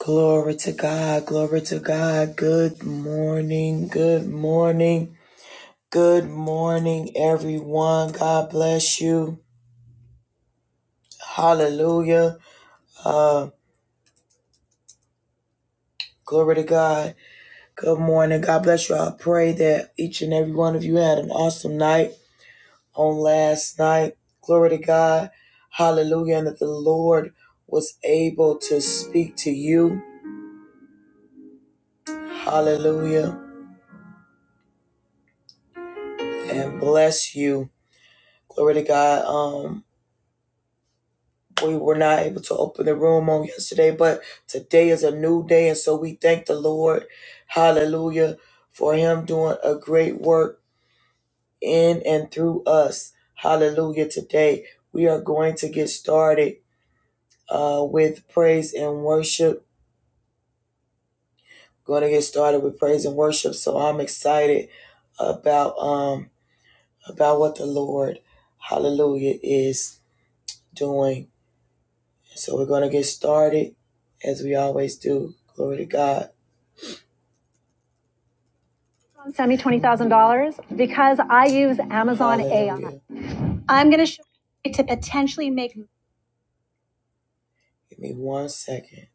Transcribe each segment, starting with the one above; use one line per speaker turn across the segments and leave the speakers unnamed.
Glory to God, glory to God. Good morning, good morning, good morning, everyone. God bless you. Hallelujah. Uh, glory to God. Good morning. God bless you. I pray that each and every one of you had an awesome night on last night. Glory to God. Hallelujah. And that the Lord was able to speak to you. Hallelujah. And bless you. Glory to God. Um, We were not able to open the room on yesterday, but today is a new day. And so we thank the Lord, hallelujah, for Him doing a great work in and through us. Hallelujah. Today we are going to get started uh, with praise and worship. Going to get started with praise and worship. So I'm excited about um about what the Lord, hallelujah, is doing. So we're going to get started as we always do. Glory to God. send me $20,000 because I use Amazon AI. I'm going to show you to potentially make Give me one second.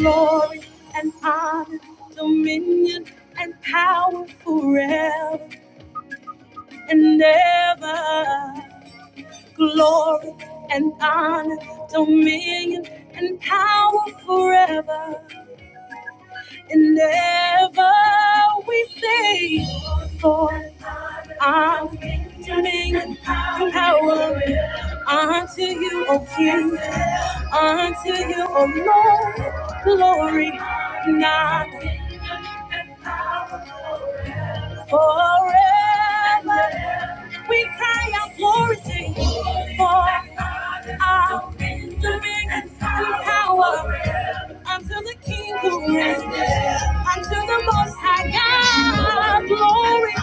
glory and honor, dominion and power forever and ever. glory and honor, dominion and power forever and ever we say, for our redeeming power unto you, O King, unto you, O Lord, glory not forever. We cry out glory to you, for I'll be dominion and power unto the King who reigns, unto the Most High God. Glory,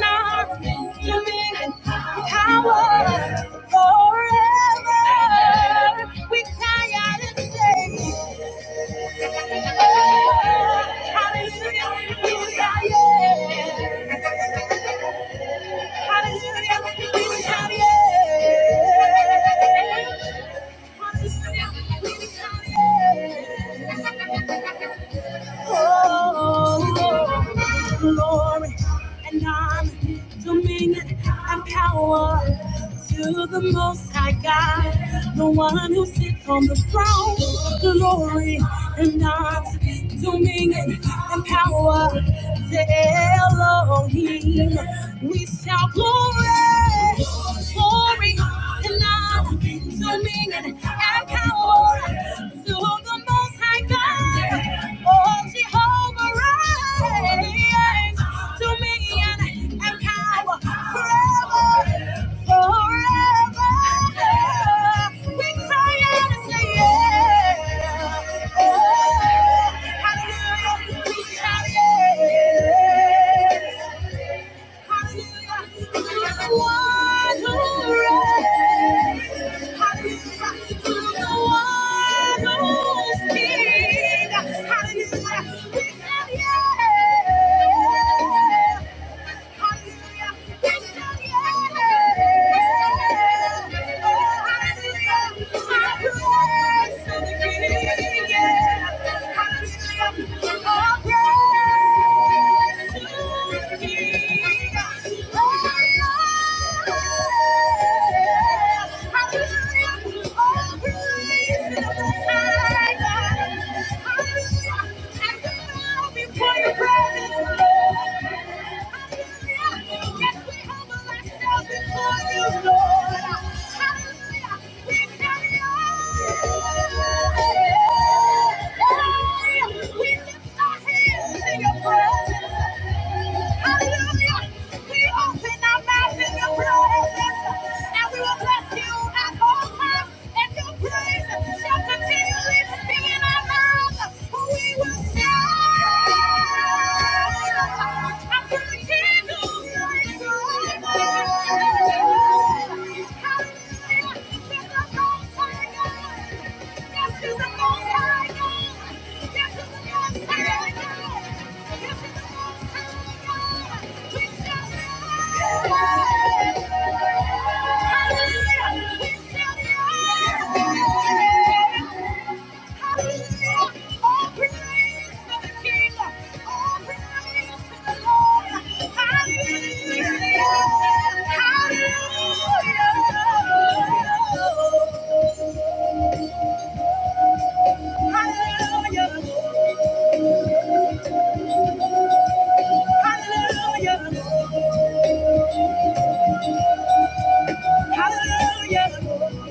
now, dominion and power forever. We cry out and say. Hallelujah. Hallelujah, Hallelujah, Oh, glory and honor, dominion and power to the Most High God, the one who sits on the throne. Glory and honor, dominion and power to Elohim. We shout glory, glory and honor. Singing and power to the Most High God. Oh, Jehovah, reigns. Dominion and power forever, forever. We cry out and say, yeah. Oh, hallelujah. We shout, yeah. Hallelujah. You're the one who reigns. Hallelujah. Hallelujah. We lift our hands in your presence. Hallelujah. We open our mouth in your presence and we will bless you at all times and your praise shall continually be in our mouths. We will shout unto the King who is good. Hallelujah. This is the most high God. This is the most high God. Hallelujah! Hallelujah! Hallelujah! Hallelujah.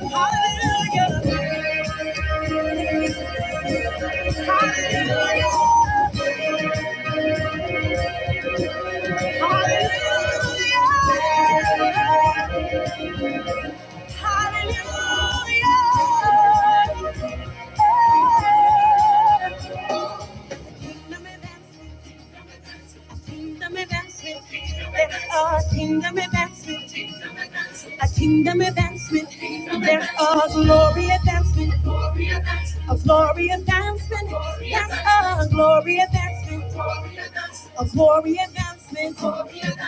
Hallelujah. Hallelujah. Hallelujah. Hallelujah. Kingdom advancement. Kingdom advancement. A kingdom advancement. There are glory advancement. A glory advancement. There's a glory advancement. A glory advancement.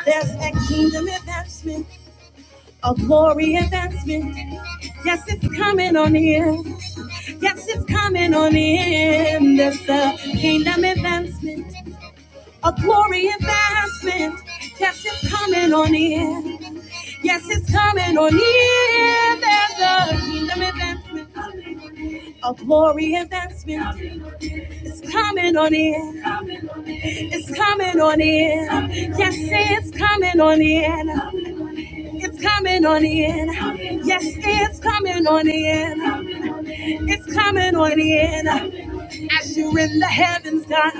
There's a kingdom advancement. A glory advancement. Yes, it's coming on in. Yes, it's coming on in. There's a kingdom advancement a glory advancement. Yes, it's coming on in. Yes, it's coming on in. There's a kingdom advancement, a glory advancement. It's coming on in. It's coming on in. Yes, it's coming on in. It's coming on in. Yes, it's coming on in. It's coming on in. As you're in the heavens, God,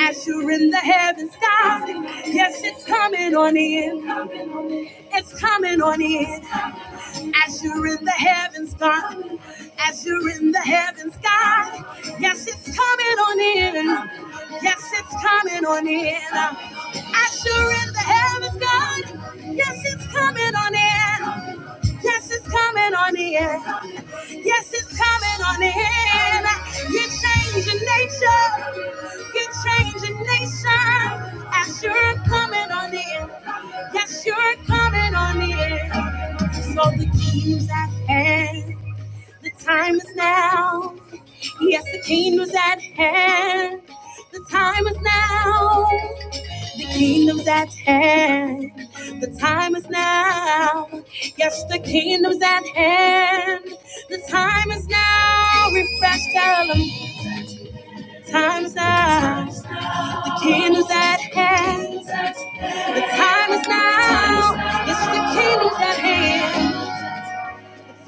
as you're in the heavens, God, yes, it's coming on in, it's coming on in. As you're in the heavens, God, as you're in the heavens, God, yes, it's coming on in, yes, it's coming on in. As you're in the heavens, God, yes, it's coming on in, yes, it's coming on in. Yes, it's coming on in. You're changing nature. You're changing nation. As you're coming on in. Yes, you're coming on in. So the kingdom's at hand. The time is now. Yes, the kingdom's at hand. The time is now. The kingdom's at hand. The time is now. Yes, the kingdom's at hand. The time is now. Refresh, tell 'em. The time is now. The kingdom's at hand. The time is now. Yes, the kingdom's at hand.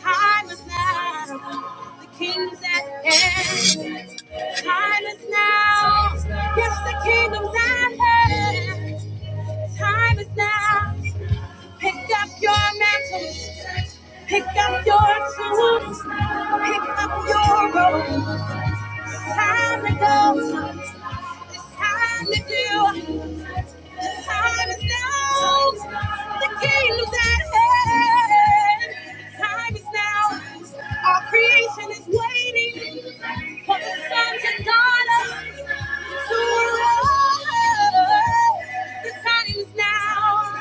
Time is now. The king's at hand. Time is now. Yes, the kingdom's at hand. Time is now. Pick up your mantles. Pick up your tools. Pick up your robe. It's time to go. It's time to do. It's time to know the kingdom's at hand. Time is now. Our creation is waiting. For the sons and daughters who are all the time is now.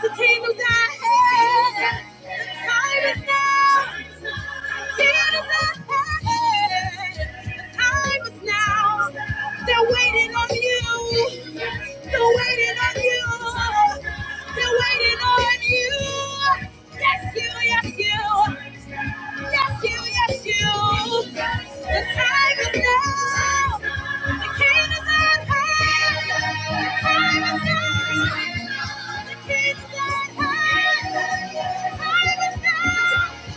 The kingdom's at hand. The time is now. The kingdom's at hand. The time is now. They're waiting on you. They're waiting on you. They're waiting on you. Yes, you, yes, you. Yes, you, yes, you. The time is now. The king is at hand. The time is now. The king is at hand. The time is now.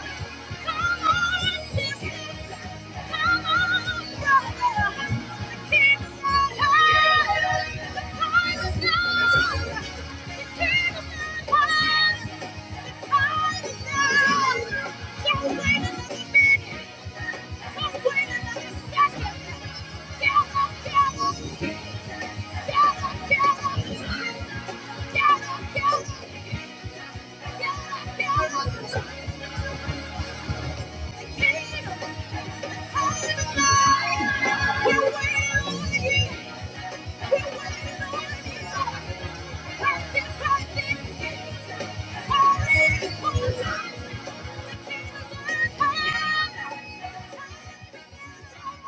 Thank you. Thank you.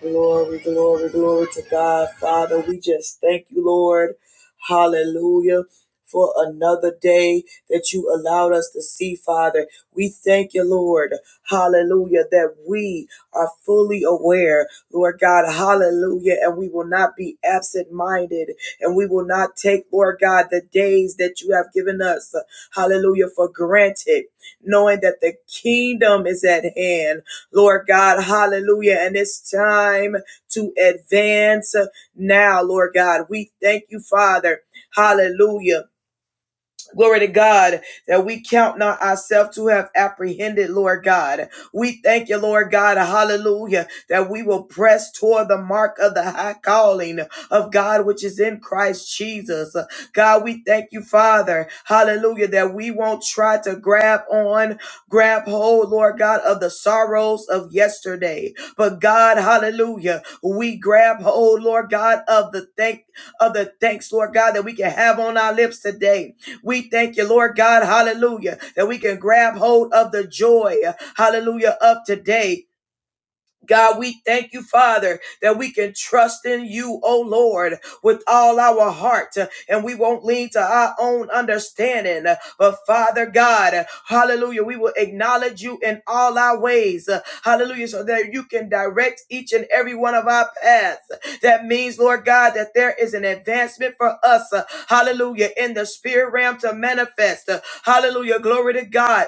Glory, glory, glory to God. Father, we just thank you, Lord. Hallelujah. For another day that you allowed us to see, Father. We thank you, Lord. Hallelujah. That we are fully aware, Lord God. Hallelujah. And we will not be absent minded. And we will not take, Lord God, the days that you have given us. Hallelujah. For granted, knowing that the kingdom is at hand. Lord God, hallelujah. And it's time to advance now, Lord God. We thank you, Father, hallelujah. Glory to God that we count not ourselves to have apprehended, Lord God. We thank you, Lord God, hallelujah, that we will press toward the mark of the high calling of God, which is in Christ Jesus. God, we thank you, Father, hallelujah, that we won't try to grab on, grab hold, Lord God, of the sorrows of yesterday. But God, hallelujah, we grab hold, Lord God, of the thank of the thanks, Lord God, that we can have on our lips today. We thank you, Lord God, hallelujah, that we can grab hold of the joy, hallelujah, of today God, we thank you, Father, that we can trust in you, O Lord, with all our heart, uh, and we won't lean to our own understanding. Uh, But Father God, uh, hallelujah, we will acknowledge you in all our ways, uh, hallelujah, so that you can direct each and every one of our paths. That means, Lord God, that there is an advancement for us, uh, hallelujah, in the spirit realm to manifest. Uh, Hallelujah, glory to God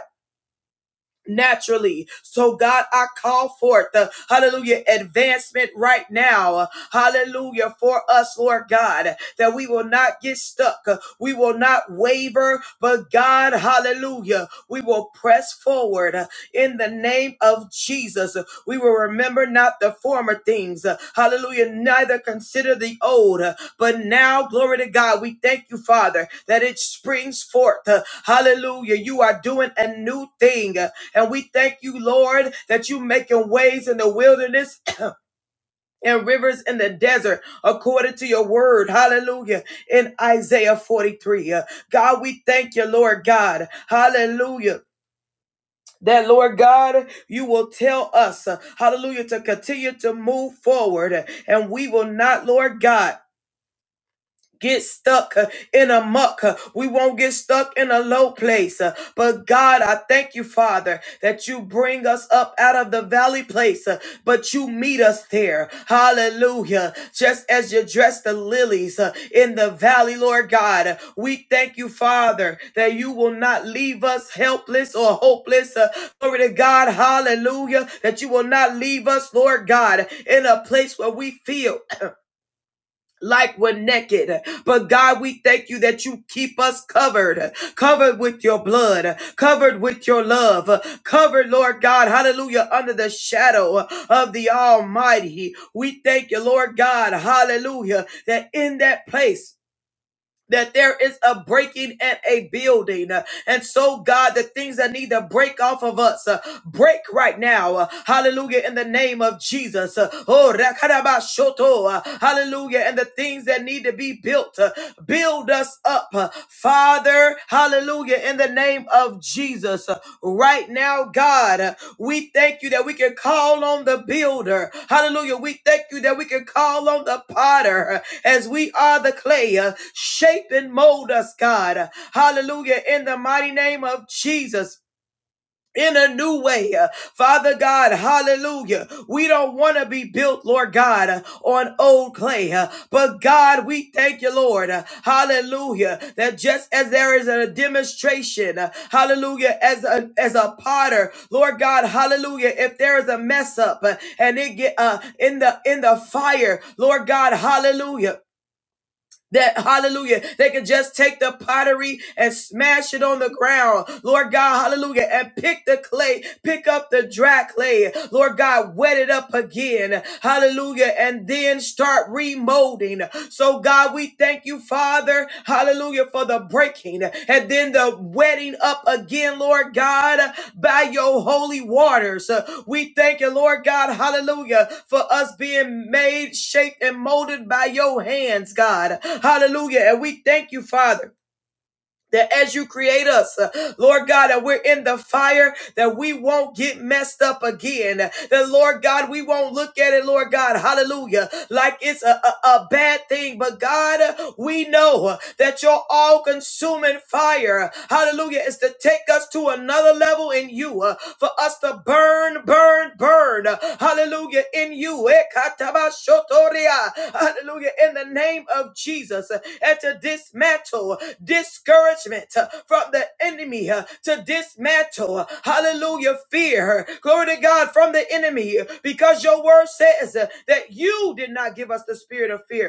naturally. So, God, I call forth the hallelujah advancement right now. uh, Hallelujah for us, Lord God, that we will not get stuck. uh, We will not waver, but God, hallelujah, we will press forward in the name of Jesus. We will remember not the former things. Hallelujah. Neither consider the old. But now, glory to God, we thank you, Father, that it springs forth. Hallelujah. You are doing a new thing. And we thank you, Lord, that you making ways in the wilderness and rivers in the desert according to your word. Hallelujah. In Isaiah 43. Uh, God, we thank you, Lord God. Hallelujah that Lord God, you will tell us, uh, hallelujah, to continue to move forward. And we will not, Lord God, get stuck uh, in a muck. uh, We won't get stuck in a low place. uh, But God, I thank you, Father, that you bring us up out of the valley place, uh, but you meet us there. Hallelujah. Just as you dress the lilies uh, in the valley, Lord God, uh, we thank you, Father, that you will not leave us helpless or hopeless. uh, Glory to God. Hallelujah. That you will not leave us, Lord God, in a place where we feel like we're naked. But God, we thank you that you keep us covered, covered with your blood, covered with your love, covered, Lord God, hallelujah, under the shadow of the Almighty. We thank you, Lord God, hallelujah, that in that place, that there is a breaking and a building. Uh, And so, God, the things that need to break off of us, uh, break right now. Uh, Hallelujah. In the name of Jesus. Uh, Oh, rakarabashoto. Uh, hallelujah. And the things that need to be built, uh, build us up. Uh, Father, Hallelujah. In the name of Jesus. Right now, God, we thank you that we can call on the builder. Hallelujah. We thank you that we can call on the potter as we are the clay. Shape and mold us, God. Hallelujah. In the mighty name of Jesus in a new way. Uh, Father God, hallelujah. We don't want to be built, Lord God, uh, on old clay. uh, But God, we thank you, Lord. uh, Hallelujah. That just as there is a demonstration, uh, hallelujah, as a as a potter, Lord God, hallelujah. If there is a mess up uh, and it get uh in the in the fire, Lord God, hallelujah that hallelujah they could just take the pottery and smash it on the ground lord god hallelujah and pick the clay pick up the dry clay lord god wet it up again hallelujah and then start remolding so god we thank you father Father, hallelujah, for the breaking and then the wetting up again, Lord God, by your holy waters. Uh, We thank you, Lord God, hallelujah, for us being made, shaped, and molded by your hands, God, hallelujah. And we thank you, Father that as you create us, uh, Lord God, that we're in the fire, that we won't get messed up again. That, Lord God, we won't look at it, Lord God, hallelujah, like it's a, a, a bad thing. But, God, uh, we know uh, that your all consuming fire, hallelujah, is to take us to another level in you, uh, for us to burn burn, burn, burn. Hallelujah. In you. Ekatabashotoria. Hallelujah. In the name of Jesus. And to dismantle discouragement from the enemy. To dismantle. Hallelujah. Fear. Glory to God from the enemy. Because your word says that you did not give us the spirit of fear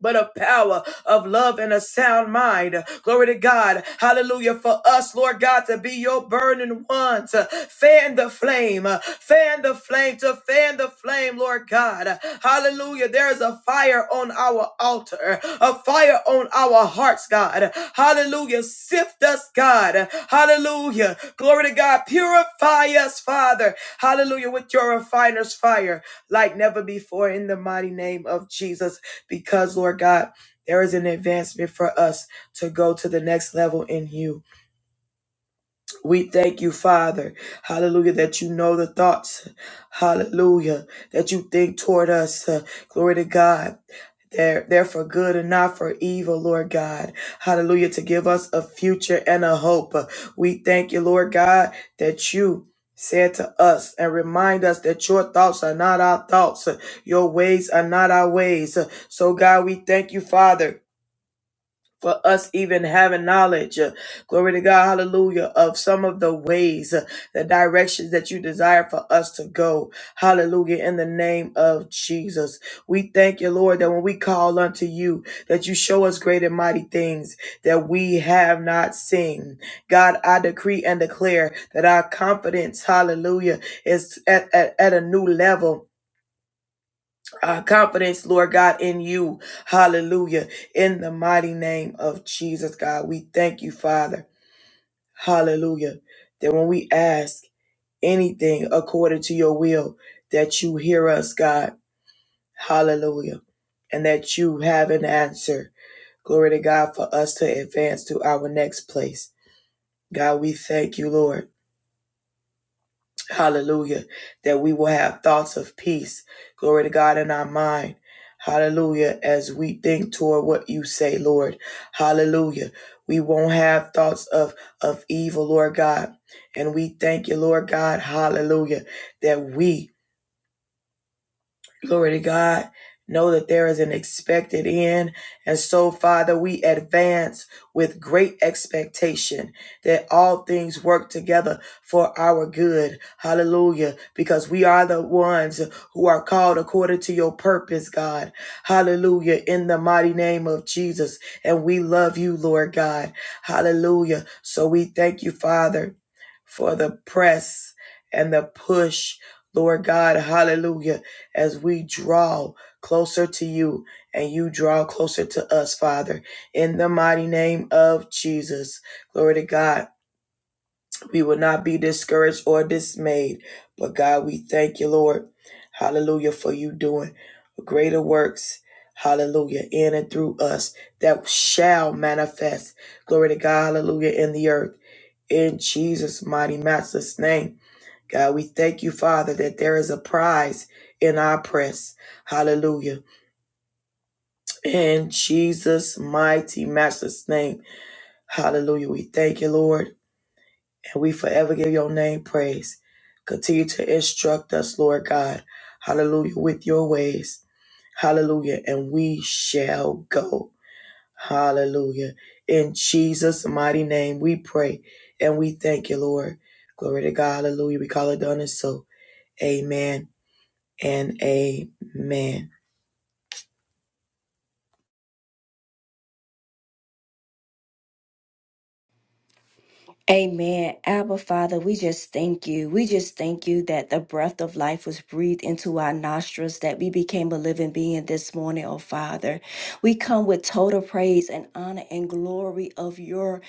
but of power, of love, and a sound mind. Glory to God. Hallelujah. For us, Lord God, to be your burning ones. Fan the flame. Fan the flame. To fan the flame, Lord God. Hallelujah. There is a fire on our altar, a fire on our hearts, God. Hallelujah. Sift us, God. Hallelujah. Glory to God. Purify us, Father. Hallelujah. With your refiner's fire like never before in the mighty name of Jesus because, Lord God, there is an advancement for us to go to the next level in you. We thank you, Father. Hallelujah, that you know the thoughts. Hallelujah, that you think toward us. Uh, glory to God. They're, they're for good and not for evil, Lord God. Hallelujah, to give us a future and a hope. Uh, We thank you, Lord God, that you said to us and remind us that your thoughts are not our thoughts. Uh, Your ways are not our ways. Uh, So, God, we thank you, Father for us even having knowledge, uh, glory to God, hallelujah, of some of the ways, uh, the directions that you desire for us to go. Hallelujah, in the name of Jesus. We thank you, Lord, that when we call unto you, that you show us great and mighty things that we have not seen. God, I decree and declare that our confidence, hallelujah, is at, at, at a new level uh, confidence, Lord God, in you. Hallelujah. In the mighty name of Jesus, God, we thank you, Father. Hallelujah. That when we ask anything according to your will, that you hear us, God. Hallelujah. And that you have an answer. Glory to God for us to advance to our next place. God, we thank you, Lord. Hallelujah. That we will have thoughts of peace. Glory to God in our mind. Hallelujah. As we think toward what you say, Lord. Hallelujah. We won't have thoughts of, of evil, Lord God. And we thank you, Lord God. Hallelujah. That we Glory to God. Know that there is an expected end. And so, Father, we advance with great expectation that all things work together for our good. Hallelujah. Because we are the ones who are called according to your purpose, God. Hallelujah. In the mighty name of Jesus. And we love you, Lord God. Hallelujah. So we thank you, Father for the press and the push, Lord God, hallelujah, as we draw closer to you and you draw closer to us, Father, in the mighty name of Jesus. Glory to God. We will not be discouraged or dismayed, but God, we thank you, Lord, hallelujah, for you doing greater works. Hallelujah, in and through us that shall manifest. Glory to God, hallelujah, in the earth. In Jesus' mighty, matchless name. God, we thank you, Father, that there is a prize in our press. Hallelujah. In Jesus' mighty, matchless name. Hallelujah. We thank you, Lord, and we forever give your name praise. Continue to instruct us, Lord God. Hallelujah. With your ways. Hallelujah. And we shall go. Hallelujah. In Jesus' mighty name, we pray and we thank you, Lord. Glory to God. Hallelujah. We call it done and so. Amen and amen.
Amen. Abba, Father, we just thank you. We just thank you that the breath of life was breathed into our nostrils, that we became a living being this morning, oh Father. We come with total praise and honor and glory of your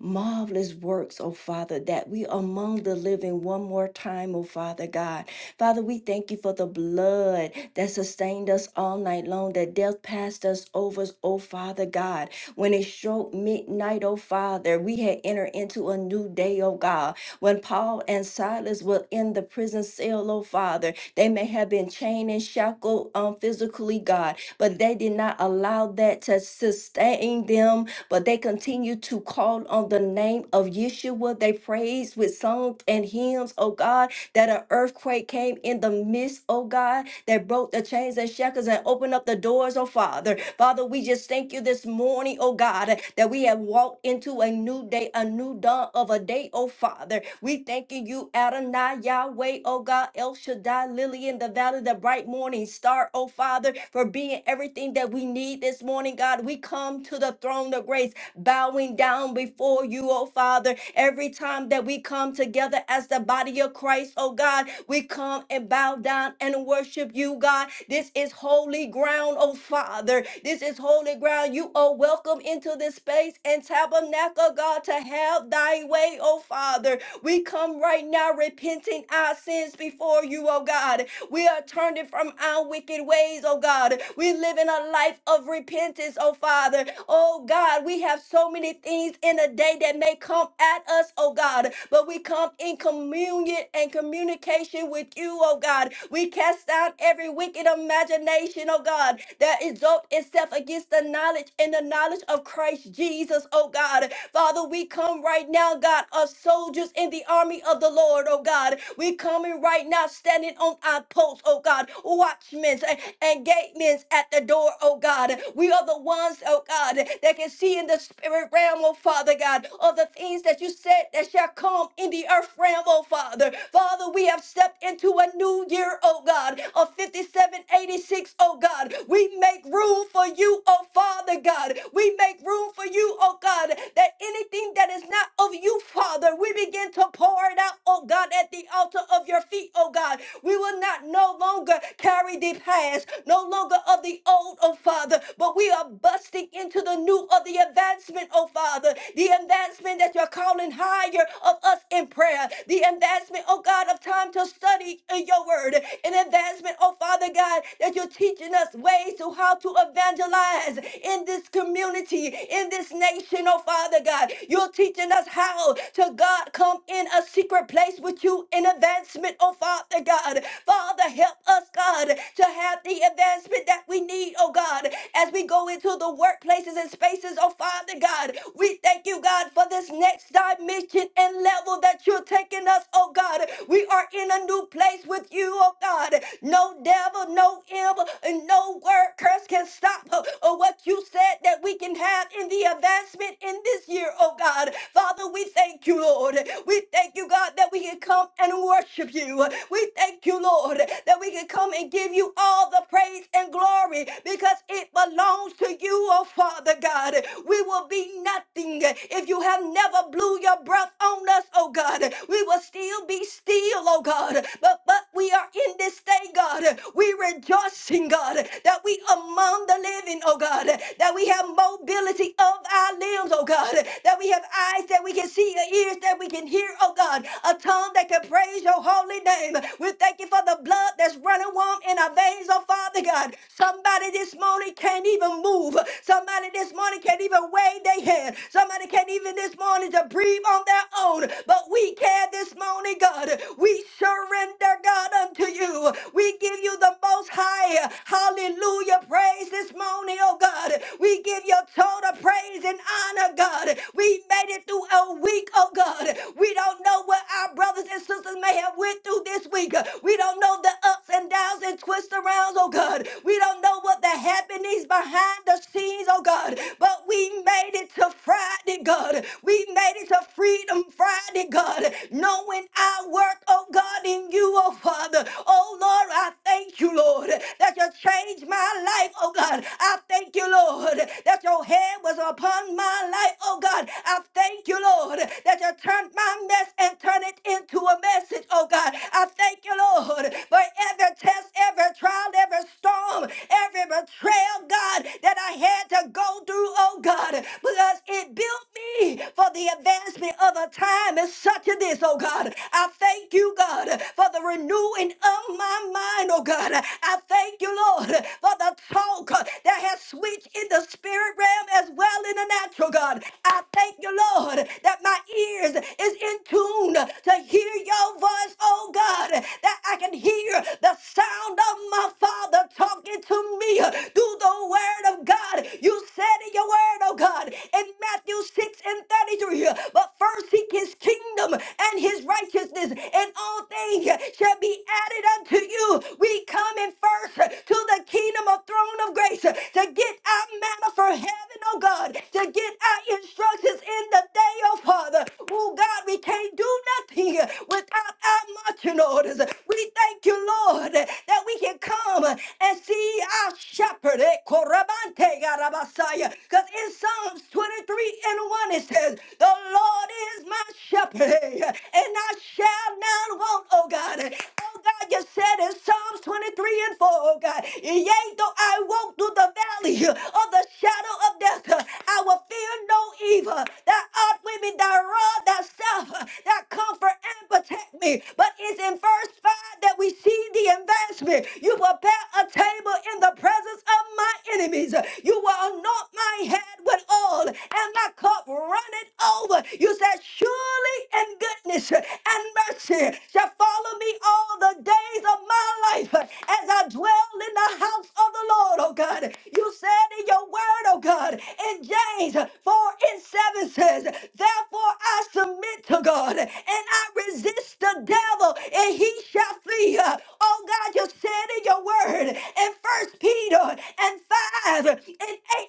marvelous works, oh Father, that we among the living one more time, oh Father God. Father, we thank you for the blood that sustained us all night long, that death passed us over, oh Father God. When it struck midnight, oh Father, we had entered into a new day, oh God. When Paul and Silas were in the prison cell, oh Father, they may have been chained and shackled um, physically, God, but they did not allow allow that to sustain them, but they continue to call on the name of Yeshua. They praise with songs and hymns, oh God, that an earthquake came in the midst, oh God, that broke the chains and shackles and opened up the doors, oh Father. Father, we just thank you this morning, oh God, that we have walked into a new day, a new dawn of a day, oh Father. We thanking you, Adonai, Yahweh, oh God, El Shaddai, Lily valley, in the valley, of the bright morning star, oh Father, for being everything that we need this morning, God. We come to the throne of grace, bowing down before you, oh Father. Every time that we come together as the body of Christ, oh God, we come and bow down and worship you, God. This is holy ground, oh Father. This is holy ground. You are welcome into this space and tabernacle, God, to have thy way, oh Father. We come right now repenting our sins before you, oh God. We are turning from our wicked ways, oh God. We live in a life of repentance, oh Father. Oh God, we have so many things in a day that may come at us, oh God, but we come in communion and communication with you, oh God. We cast down every wicked imagination, oh God, that exalt itself against the knowledge and the knowledge of Christ Jesus, oh God. Father, we come right now, God, as soldiers in the army of the Lord, oh God. We coming right now, standing on our posts. oh God, watchmen and, and gatemen at the door, oh God. We are the ones, oh God, that can see in the spirit realm, oh Father God, of the things that you said that shall come in the earth realm, oh Father. Father, we have stepped into a new year, oh God, of 5786, oh God. We make room for you, oh Father God. We make room for you, oh God that anything that is not of you, Father, we begin to pour it out, oh God, at the altar of your feet, oh God. We will not no longer carry the past, no longer of the old, oh Father, but we are busting into the new of the advancement, oh Father, the advancement that you're calling higher of us in prayer, the advancement, oh God, of time to study in your word, an advancement, oh Father God, that you're teaching us ways to how to evangelize in this community, in this nation revelation, oh Father God. You're teaching us how to God come in a secret place with you in advancement, oh Father God. Father, help us, God, to have the advancement that we need, oh God, as we go into the workplaces and spaces, oh Father God. We thank you, God, for this next dimension and level that you're taking us, oh God. We are in a new place with you, oh God. No devil, no evil, and no word curse can stop uh, uh, what you said that we can have in the the advancement in this year, oh God. Father, we thank you, Lord. We thank you, God, that we can come and worship you. We thank you, Lord, that we can come and give you all the praise and glory because it belongs to you, oh Father God. We will be nothing if you have never blew your breath on us, oh God. We will still be still, oh God. But but we are in this day, God. We rejoicing, God, that we among the living, oh God, that we have mobility activity of our limbs, oh God, that we have eyes that we can see, ears that we can hear, oh God, a tongue that can praise your holy name. We thank you for the blood that's running warm in our veins, oh Father God. Somebody this morning can't even move. Somebody this morning can't even wave their hand. Somebody can't even this morning to breathe on their own. But we can this morning, God. We surrender, God, unto you. We give you the most high. Hallelujah. Praise this morning, oh God. We give you a total praise and honor, God. We made it through a week, oh God. We don't know what our brothers and sisters may have went through this week. We don't know the ups and downs and twists arounds, oh God. We don't know what the happenings behind the scenes, oh God. But we made it to Friday, God. We made it to Freedom Friday, God. Knowing our work, oh God, in you, oh Father. Oh Lord, I thank you, Lord, that you changed my life, oh God. I thank you, Lord, that your hand was upon my life, oh God. I thank you, Lord, that you turned my mess and turned it into a message, oh God. I thank you, Lord, for every test, every trial, every storm, every betrayal, God, that I had to go through, oh God, because it built me for the advancement of a time as such as this, oh God. I thank you, God, for the renewing of my mind, oh God. I thank you, Lord, for the talk that has switched in the spirit realm as well in the natural, God. I thank you, Lord, that my ears is in tune to hear your voice, oh God, that I can hear the sound of my Father talking to me through the word of God. You said in your word, oh God, in Matthew 6 and 33, but first seek his kingdom and his righteousness, and all things shall be added unto you. We come in first to the kingdom of throne of grace to get get our manna from heaven, oh God, to get our instructions in the day, oh Father. Oh God, we can't do nothing without our marching orders. We thank you, Lord, that we can come and see our shepherd, eh, Korabante Garabasaya. Because in Psalms 23 and 1 it says, The Lord is my shepherd, eh, and I shall not want, oh God. Oh God, you said in Psalms 23 and 4, oh God, yea, though I walk through the valley uh, of the shadow of death. I will fear no evil. That art with me, that rod, that staff, that comfort and protect me. But it's in verse 5 that we see the advancement. You prepare a table in the presence of my enemies. You will anoint my head with oil and my cup runneth over. You said, Surely in goodness and mercy shall follow me all the days of my life as I dwell in the house of the Lord, oh God. God. You said in your word, oh God, in James 4 and 7 says, Therefore I submit to God and I resist the devil and he shall flee. Oh God, you said in your word in First Peter and 5 and 8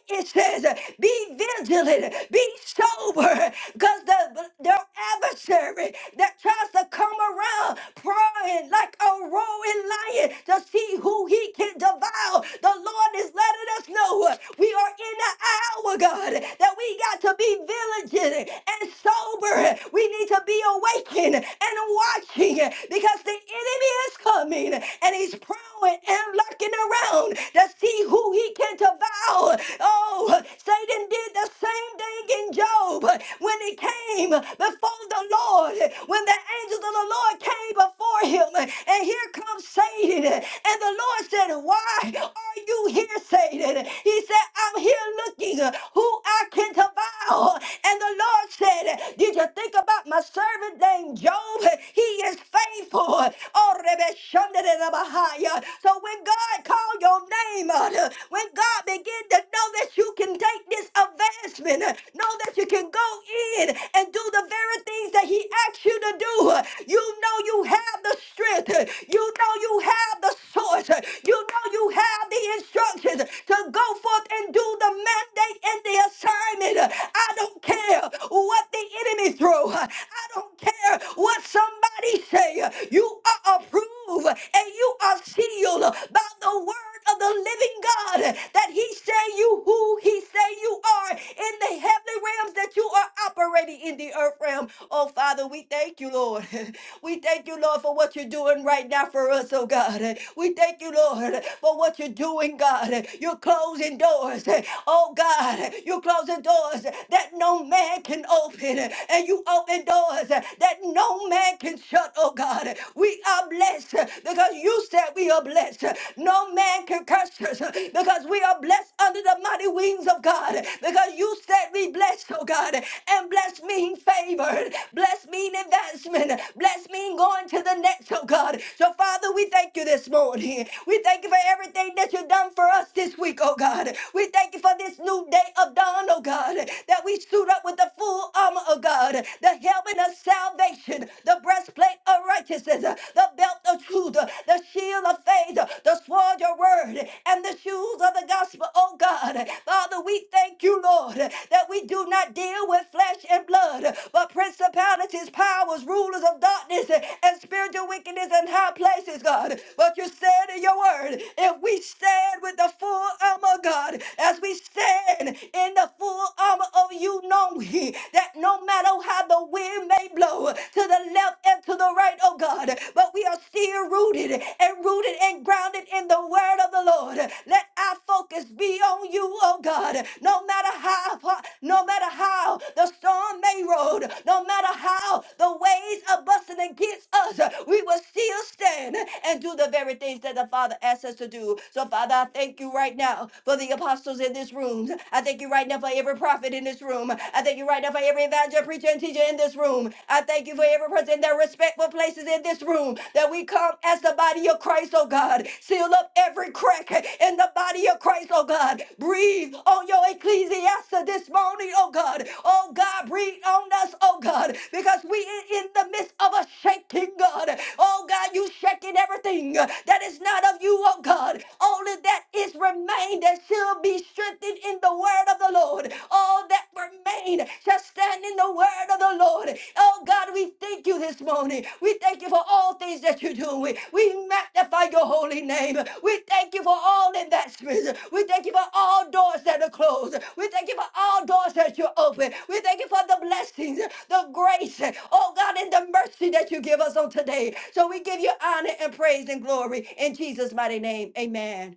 it says, Be vigilant, be sober, because the, their adversary that tries to come around prying like a roaring lion to see who he can devour. The Lord Lord is letting us know uh, we are in the hour, God, that we got to be vigilant and sober. We need to be awakened and watching uh, because the enemy is coming and he's prowling and lurking around to see who he can devour. Oh, Satan did the same thing in Job when he came before the Lord, when the angels of the Lord came before him. And here comes Satan. And the Lord said, Why are you here?" Satan? He said, I'm here looking uh, who I can devour. And the Lord said, Did you think about my servant named Job? He is faithful. Oh, Rebbe Shanda Bahaya. So when God called your name out, uh, when God began to know that you can take this advancement, uh, know that you can go in and do the very things that He asked you to do, uh, you know you have the strength. uh, You know know you have the source. You know you have the instructions to go forth and do the mandate and the assignment. I don't care what the enemy throw. I don't care what somebody say. You are approved and you are sealed by the word of the living God that he say you who he say you are in the heavenly realms that you are operating in the earth realm. Oh Father, we thank you, Lord. We thank you, Lord, for what you're doing right now for us, oh God. We thank you, Lord, for what you're doing, God. You're closing doors, oh God. You're closing doors that no man can open, and you open doors that no man can shut, oh God. We are blessed because you said we are blessed. No man can curse us because we are blessed under the mighty wings of God. Because you said we blessed, oh God, and blessed mean favored, blessed mean advancement, coming. Bless me and going to the next, oh God. So, Father, we thank you this morning. We thank you for everything that you've done for us this week, oh God. We thank you for this new day of dawn, oh God, that we suit up with the full armor, oh God, the helmet of salvation, the breastplate of righteousness, the belt of truth, the shield of faith, the sword of word, and the shoes of the gospel, oh God. Father, we thank you, Lord, that we do not deal with flesh and blood, but principalities, powers I was rulers of darkness and spiritual wickedness in high places, God. But you said in your word, if we stand with the full armor, God, as we stand in the full armor of you, know ye that no matter how the wind may blow to the left and to the right, oh God, but we are still rooted and rooted and grounded in the word of the Lord. Let our focus be on you, oh God, no matter how, no matter how the storm may roll, no matter how while the ways are busting against us, we will still stand and do the very things that the Father asks us to do. So, Father, I thank you right now for the apostles in this room. I thank you right now for every prophet in this room. I thank you right now for every evangelist, preacher, and teacher in this room. I thank you for every person in their respectful places in this room that we come as the body of Christ, oh God. Seal up every crack in the body of Christ, oh God. Breathe on your ecclesia this morning, oh God. Oh God, breathe on us, oh God. God, because we in in the midst of a shaking, God. Oh, God, you shaking everything uh, that is not of you, oh, God. Only that is remained and shall be strengthened in the word of the Lord. All that remain shall stand in the word of the Lord. Oh, God, we thank you this morning. We thank you for all things that you're doing. We magnify your holy name. We thank you for all investments. We thank you for all doors that are closed. We thank you for all doors that you open. We thank you for the blessings the grace, oh God, and the mercy that you give us on today. So we give you honor and praise and glory in Jesus' mighty name. Amen.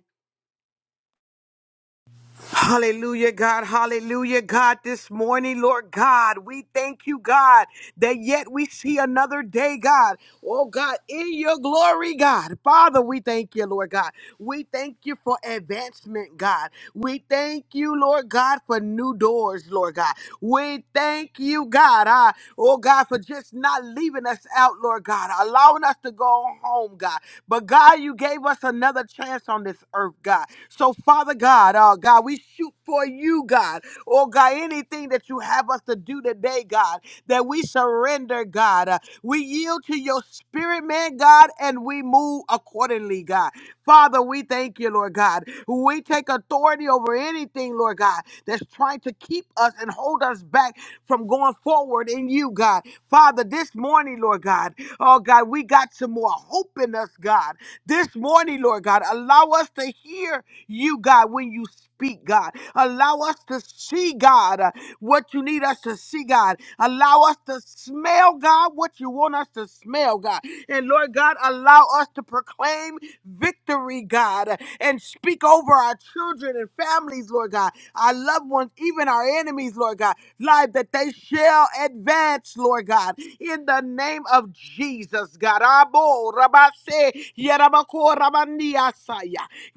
Hallelujah, God. Hallelujah, God. This morning, Lord God, we thank you, God, that yet we see another day, God. Oh, God, in your glory, God. Father, we thank you, Lord God. We thank you for advancement, God. We thank you, Lord God, for new doors, Lord God. We thank you, God. ah, oh, God, for just not leaving us out, Lord God, allowing us to go home, God. But, God, you gave us another chance on this earth, God. So, Father God, oh God, we shoot for you, God. Oh God, anything that you have us to do today, God, that we surrender, God. Uh, we yield to your spirit, man, God, and we move accordingly, God. Father, we thank you, Lord God. We take authority over anything, Lord God, that's trying to keep keep us and hold us back from going forward in you, God. Father, this morning, Lord God, oh God, we got some more hope in us, God. This morning, Lord God, allow us to hear you, God, when you speak, God. Allow us to see, God, uh, what you need us to see, God. Allow us to smell, God, what you want us to smell, God. And Lord God, allow us to proclaim victory, God, and speak over our children and families, Lord God our loved ones, even our enemies, Lord God. Lord, that they shall advance, Lord God, in the name of Jesus, God. Abo, rabase, yerabako, rabaniasaya.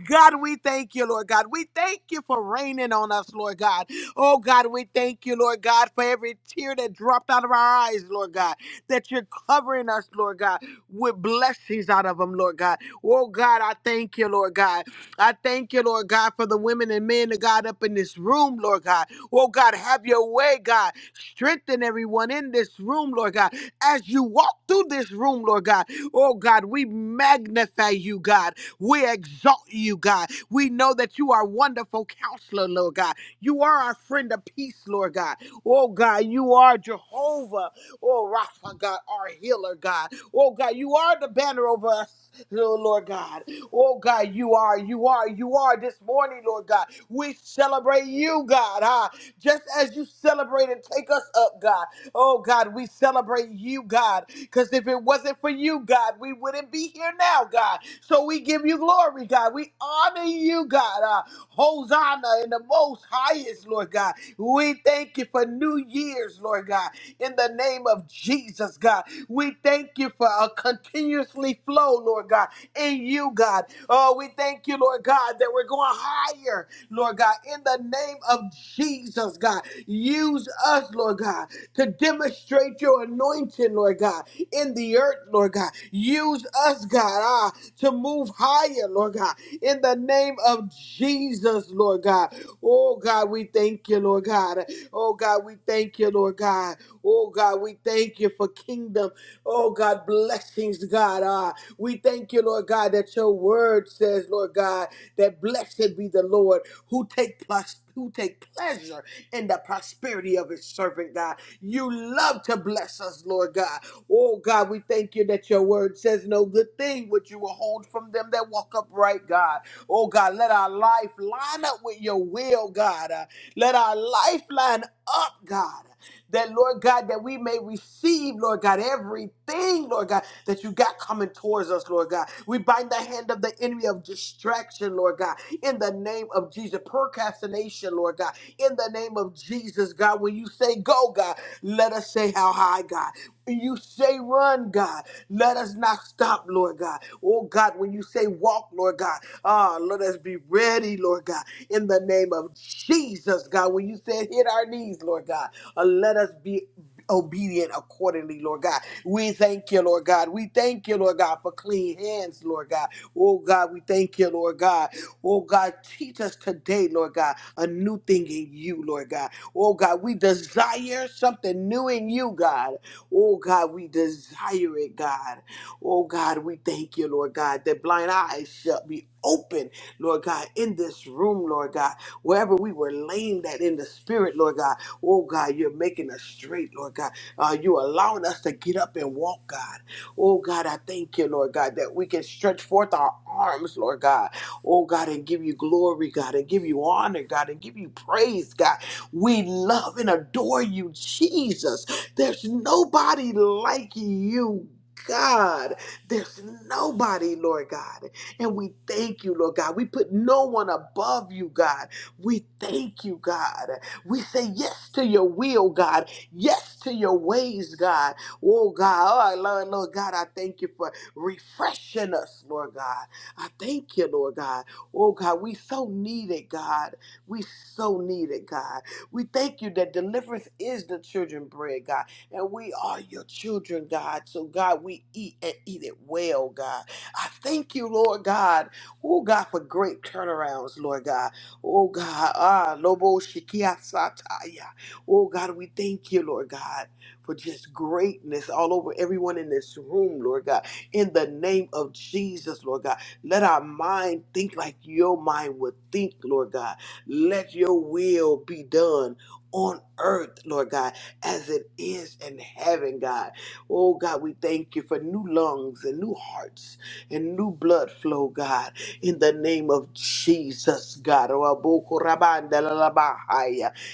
God, we thank you, Lord God. We thank you for raining on us, Lord God. Oh, God, we thank you, Lord God, for every tear that dropped out of our eyes, Lord God, that you're covering us, Lord God, with blessings out of them, Lord God. Oh, God, I thank you, Lord God. I thank you, Lord God, for the women and men of God up in this room, Lord God. Oh, God, have your way, God. Strengthen everyone in this room, Lord God. As you walk through this room, Lord God, oh, God, we magnify you, God. We exalt you, God. We know that you are wonderful counselor, Lord God. You are our friend of peace, Lord God. Oh, God, you are Jehovah. Oh, Rapha, God, our healer, God. Oh, God, you are the banner over us, oh, Lord God. Oh God, you are, you are, you are this morning, Lord God. We celebrate you, God. Huh? Just as you celebrate and take us up, God. Oh God, we celebrate you, God. Because if it wasn't for you, God, we wouldn't be here now, God. So we give you glory, God. We honor you, God. Uh, Hosanna in the most highest, Lord God. We thank you for New Year's, Lord God. In the name of Jesus, God. We thank you for a continuously flow, Lord God in you, God. Oh, we thank you, Lord God, that we're going higher, Lord God, in the name of Jesus, God. Use us, Lord God, to demonstrate your anointing, Lord God, in the earth, Lord God. Use us, God, ah, to move higher, Lord God, in the name of Jesus, Lord God. Oh, God, we thank you, Lord God. Oh, God, we thank you, Lord God. Oh, God, we thank you for kingdom. Oh, God, blessings, God. ah. We thank you, Lord God, that your word says, Lord God, that blessed be the Lord who take plus who take pleasure in the prosperity of his servant, God. You love to bless us, Lord God. Oh God, we thank you that your word says no good thing which you will hold from them that walk upright, God. Oh God, let our life line up with your will, God. Uh, let our life line up, God that, Lord God, that we may receive, Lord God, everything, Lord God, that you got coming towards us, Lord God. We bind the hand of the enemy of distraction, Lord God, in the name of Jesus. Procrastination, Lord God, in the name of Jesus, God. When you say go, God, let us say how high, God. When You say run, God. Let us not stop, Lord God. Oh God, when you say walk, Lord God, ah, let us be ready, Lord God, in the name of Jesus, God. When you said hit our knees, Lord God. Uh, Let us be obedient accordingly, Lord God. We thank you, Lord God. We thank you, Lord God, for clean hands, Lord God. Oh God, we thank you, Lord God. Oh God, teach us today, Lord God, a new thing in you, Lord God. Oh God, we desire something new in you, God. Oh God, we desire it, God. Oh God, we thank you, Lord God, that blind eyes shall be open, Lord God, in this room, Lord God, wherever we were lame, that in the spirit, Lord God. Oh God, you're making us straight, Lord God. Uh, you allowing us to get up and walk, God. Oh God, I thank you, Lord God, that we can stretch forth our arms, Lord God. Oh God, and give you glory, God, and give you honor, God, and give you praise, God. We love and adore you, Jesus. There's nobody like you. God, there's nobody, Lord God. And we thank you, Lord God. We put no one above you, God. We thank you, God. We say yes to your will, God. Yes to your ways, God. Oh, God. Oh, Lord, Lord God, I thank you for refreshing us, Lord God. I thank you, Lord God. Oh, God, we so need it, God. We so need it, God. We thank you that deliverance is the children bread, God. And we are your children, God. So, God, we eat and eat it well, God. I thank you, Lord God. Oh, God, for great turnarounds, Lord God. Oh God, ah, Lobo Shikia Sataya. Oh God, we thank you, Lord God, for just greatness all over everyone in this room, Lord God. In the name of Jesus, Lord God, let our mind think like your mind would think, Lord God. Let your will be done on earth, Lord God, as it is in heaven, God. Oh God, we thank you for new lungs and new hearts and new blood flow, God in the name of Jesus, God.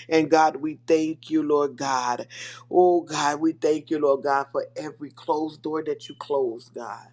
And God, we thank you, Lord God. Oh, God, we thank you, Lord God, for every closed door that you closed, God.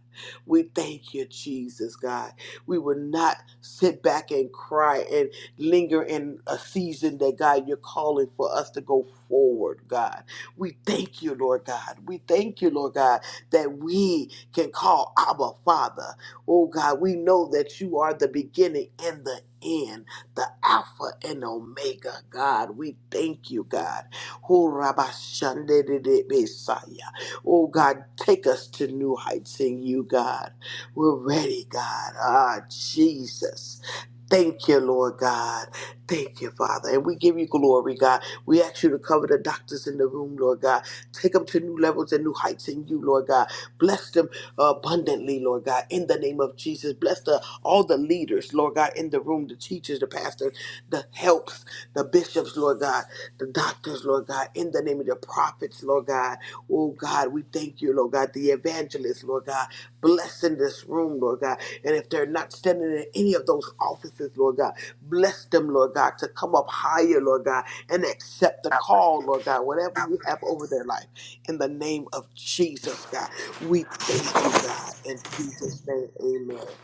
We thank you, Jesus, God. We will not sit back and cry and linger in a season that, God, you're calling for us to go forward, God. We thank you, Lord God. We thank you, Lord God, that we can call Abba Father. Oh God, we know that you are the beginning and the end, the Alpha and Omega. God, we thank you, God. Oh Rabba Shande de de Messiah. Oh God, take us to new heights in you, God. We're ready, God. Ah, Jesus. Thank you, Lord God. Thank you, Father. And we give you glory, God. We ask you to cover the doctors in the room, Lord God. Take them to new levels and new heights in you, Lord God. Bless them abundantly, Lord God, in the name of Jesus. Bless the all the leaders, Lord God, in the room, the teachers, the pastors, the helps, the bishops, Lord God, the doctors, Lord God, in the name of the prophets, Lord God. Oh God, we thank you, Lord God, the evangelists, Lord God, bless in this room, Lord God. And if they're not standing in any of those offices, Lord God, bless them, Lord God, to come up higher, Lord God, and accept the call, Lord God, whatever you have over their life, in the name of Jesus, God. We thank you, God. In Jesus' name, amen.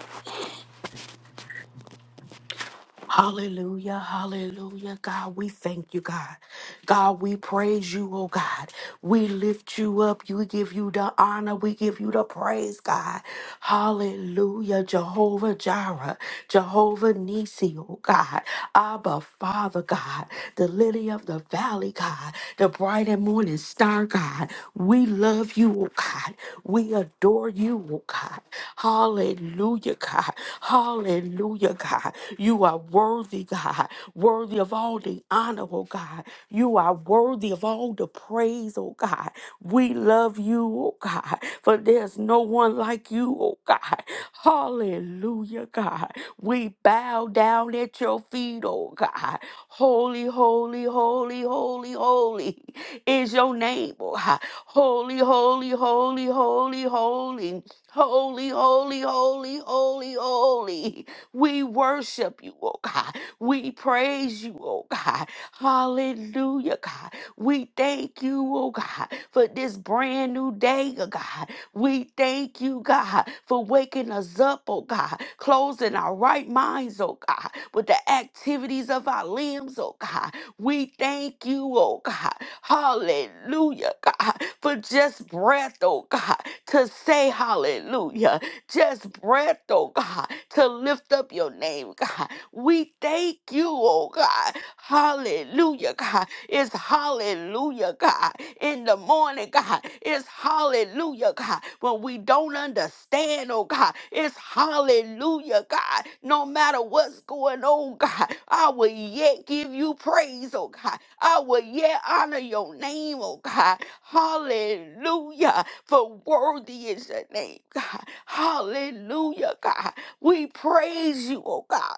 Hallelujah, hallelujah. God, we thank you, God. God, we praise you, oh God. We lift you up. We give you the honor. We give you the praise, God. Hallelujah, Jehovah Jireh, Jehovah Nisi, oh God. Abba, Father, God. The lily of the valley, God. The bright and morning star, God. We love you, oh God. We adore you, oh God. Hallelujah, God. Hallelujah, God. You are worthy, God. Worthy of all the honor, oh God. You are worthy of all the praise, oh God. We love you, oh God. For there's no one like you, oh God. Hallelujah, God. We bow down at your feet, oh God. Holy, holy, holy, holy, holy is your name, oh God. Holy, holy, holy, holy, holy, holy, holy, holy, holy, holy. We worship you, oh God. We praise you, oh God. Hallelujah, God. We thank you, oh God, for this brand new day, oh God. We thank you, God, for waking us up, oh God, closing our right minds, oh God, with the activities of our limbs, oh God. We thank you, oh God. Hallelujah, God for just breath, oh God, to say hallelujah. Just breath, oh God, to lift up your name, God. We thank you, oh God. Hallelujah, God. It's hallelujah, God. In the morning, God. It's hallelujah, God. When we don't understand, oh God, it's hallelujah, God. No matter what's going on, God, I will yet give you praise, oh God. I will yet honor your name, oh God. Hallelujah. For worthy is the name, God. Hallelujah, God. We praise you, oh God.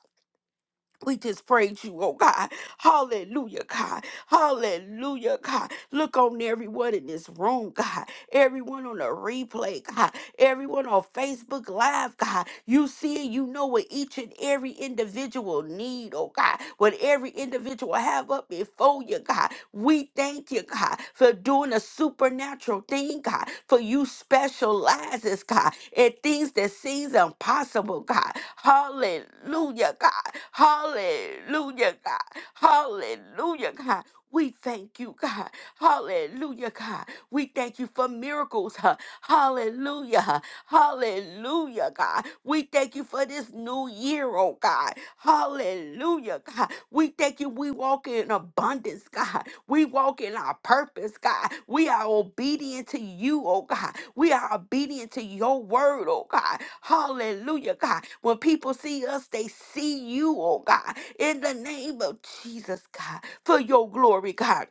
We just praise you, oh God. Hallelujah, God. Hallelujah, God. Look on everyone in this room, God. Everyone on the replay, God everyone on Facebook Live, God. You see and you know what each and every individual need, oh God, what every individual have up before you, God. We thank you, God, for doing a supernatural thing, God, for you specializes, God, in things that seems impossible, God. Hallelujah, God. Hallelujah, God. Hallelujah, God. We thank you, God. Hallelujah, God. We thank you for miracles. huh, Hallelujah. Hallelujah, God. We thank you for this new year, oh God. Hallelujah, God. We thank you. We walk in abundance, God. We walk in our purpose, God. We are obedient to you, oh God. We are obedient to your word, oh God. Hallelujah, God. When people see us, they see you, oh God. In the name of Jesus, God, for your glory, God.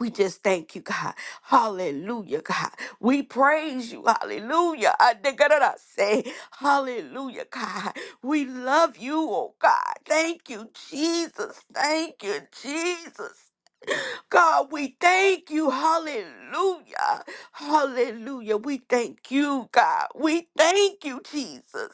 We just thank you, God. Hallelujah, God. We praise you. Hallelujah. I think I done say, Hallelujah, God. We love you, oh God. Thank you, Jesus. Thank you, Jesus. God, we thank you. Hallelujah. Hallelujah. We thank you, God. We thank you, Jesus.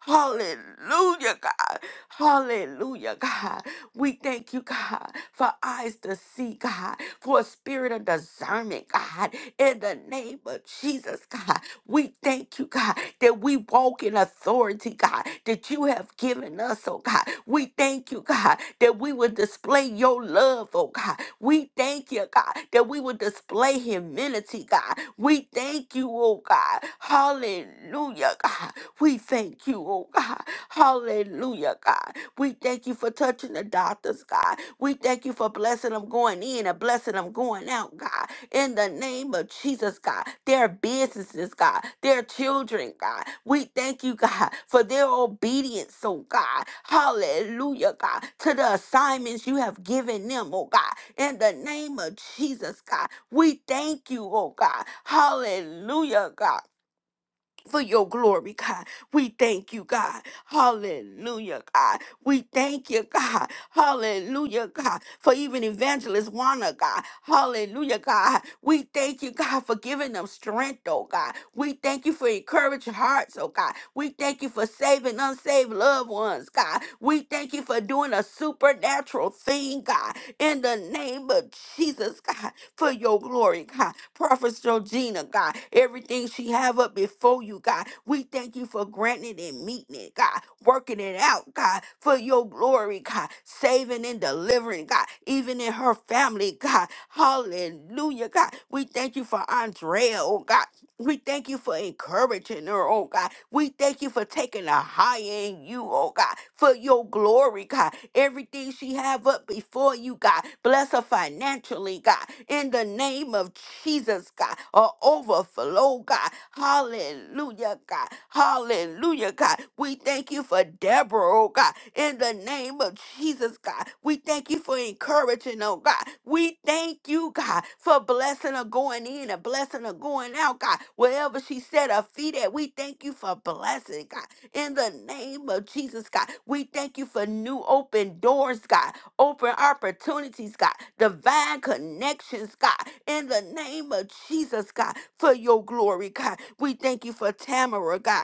Hallelujah, God. Hallelujah, God. We thank you, God, for eyes to see, God, for a spirit of discernment, God. In the name of Jesus, God, we thank you, God, that we walk in authority, God, that you have given us, oh God. We thank you, God, that we will display your love, oh God. We thank you, God, that we will display humility, God. We thank you, oh God. Hallelujah, God. We thank you, oh God. Hallelujah, God. We thank you for touching the doctors, God. We thank you for blessing them going in and blessing them going out, God. In the name of Jesus, God. Their businesses, God. Their children, God. We thank you, God, for their obedience, oh God. Hallelujah, God. To the assignments you have given them, oh God in the name of Jesus, God. We thank you, oh God. Hallelujah, God for your glory, God. We thank you, God. Hallelujah, God. We thank you, God. Hallelujah, God. For even evangelist Wanna, God. Hallelujah, God. We thank you, God, for giving them strength, oh God. We thank you for encouraging hearts, oh God. We thank you for saving unsaved loved ones, God. We thank you for doing a supernatural thing, God. In the name of Jesus, God for your glory, God. Prophet Georgina, God, everything she have up before you, God. We thank you for granting and meeting it, God. Working it out, God, for your glory, God. Saving and delivering, God. Even in her family, God. Hallelujah, God. We thank you for Andrea, oh God. We thank you for encouraging her, oh God. We thank you for taking a high in you, oh God, for your glory, God. Everything she have up before you, God. Bless her financially, God. In the name of Jesus, God. A overflow, God. Hallelujah. Hallelujah, God. Hallelujah, God. We thank you for Deborah, oh God. In the name of Jesus, God. We thank you for encouraging, oh God. We thank you, God, for blessing her going in and blessing her going out, God. Wherever she set her feet at, we thank you for blessing, God. In the name of Jesus, God. We thank you for new open doors, God. Open opportunities, God. Divine connections, God. In the name of Jesus, God. For your glory, God. We thank you for Tamara, God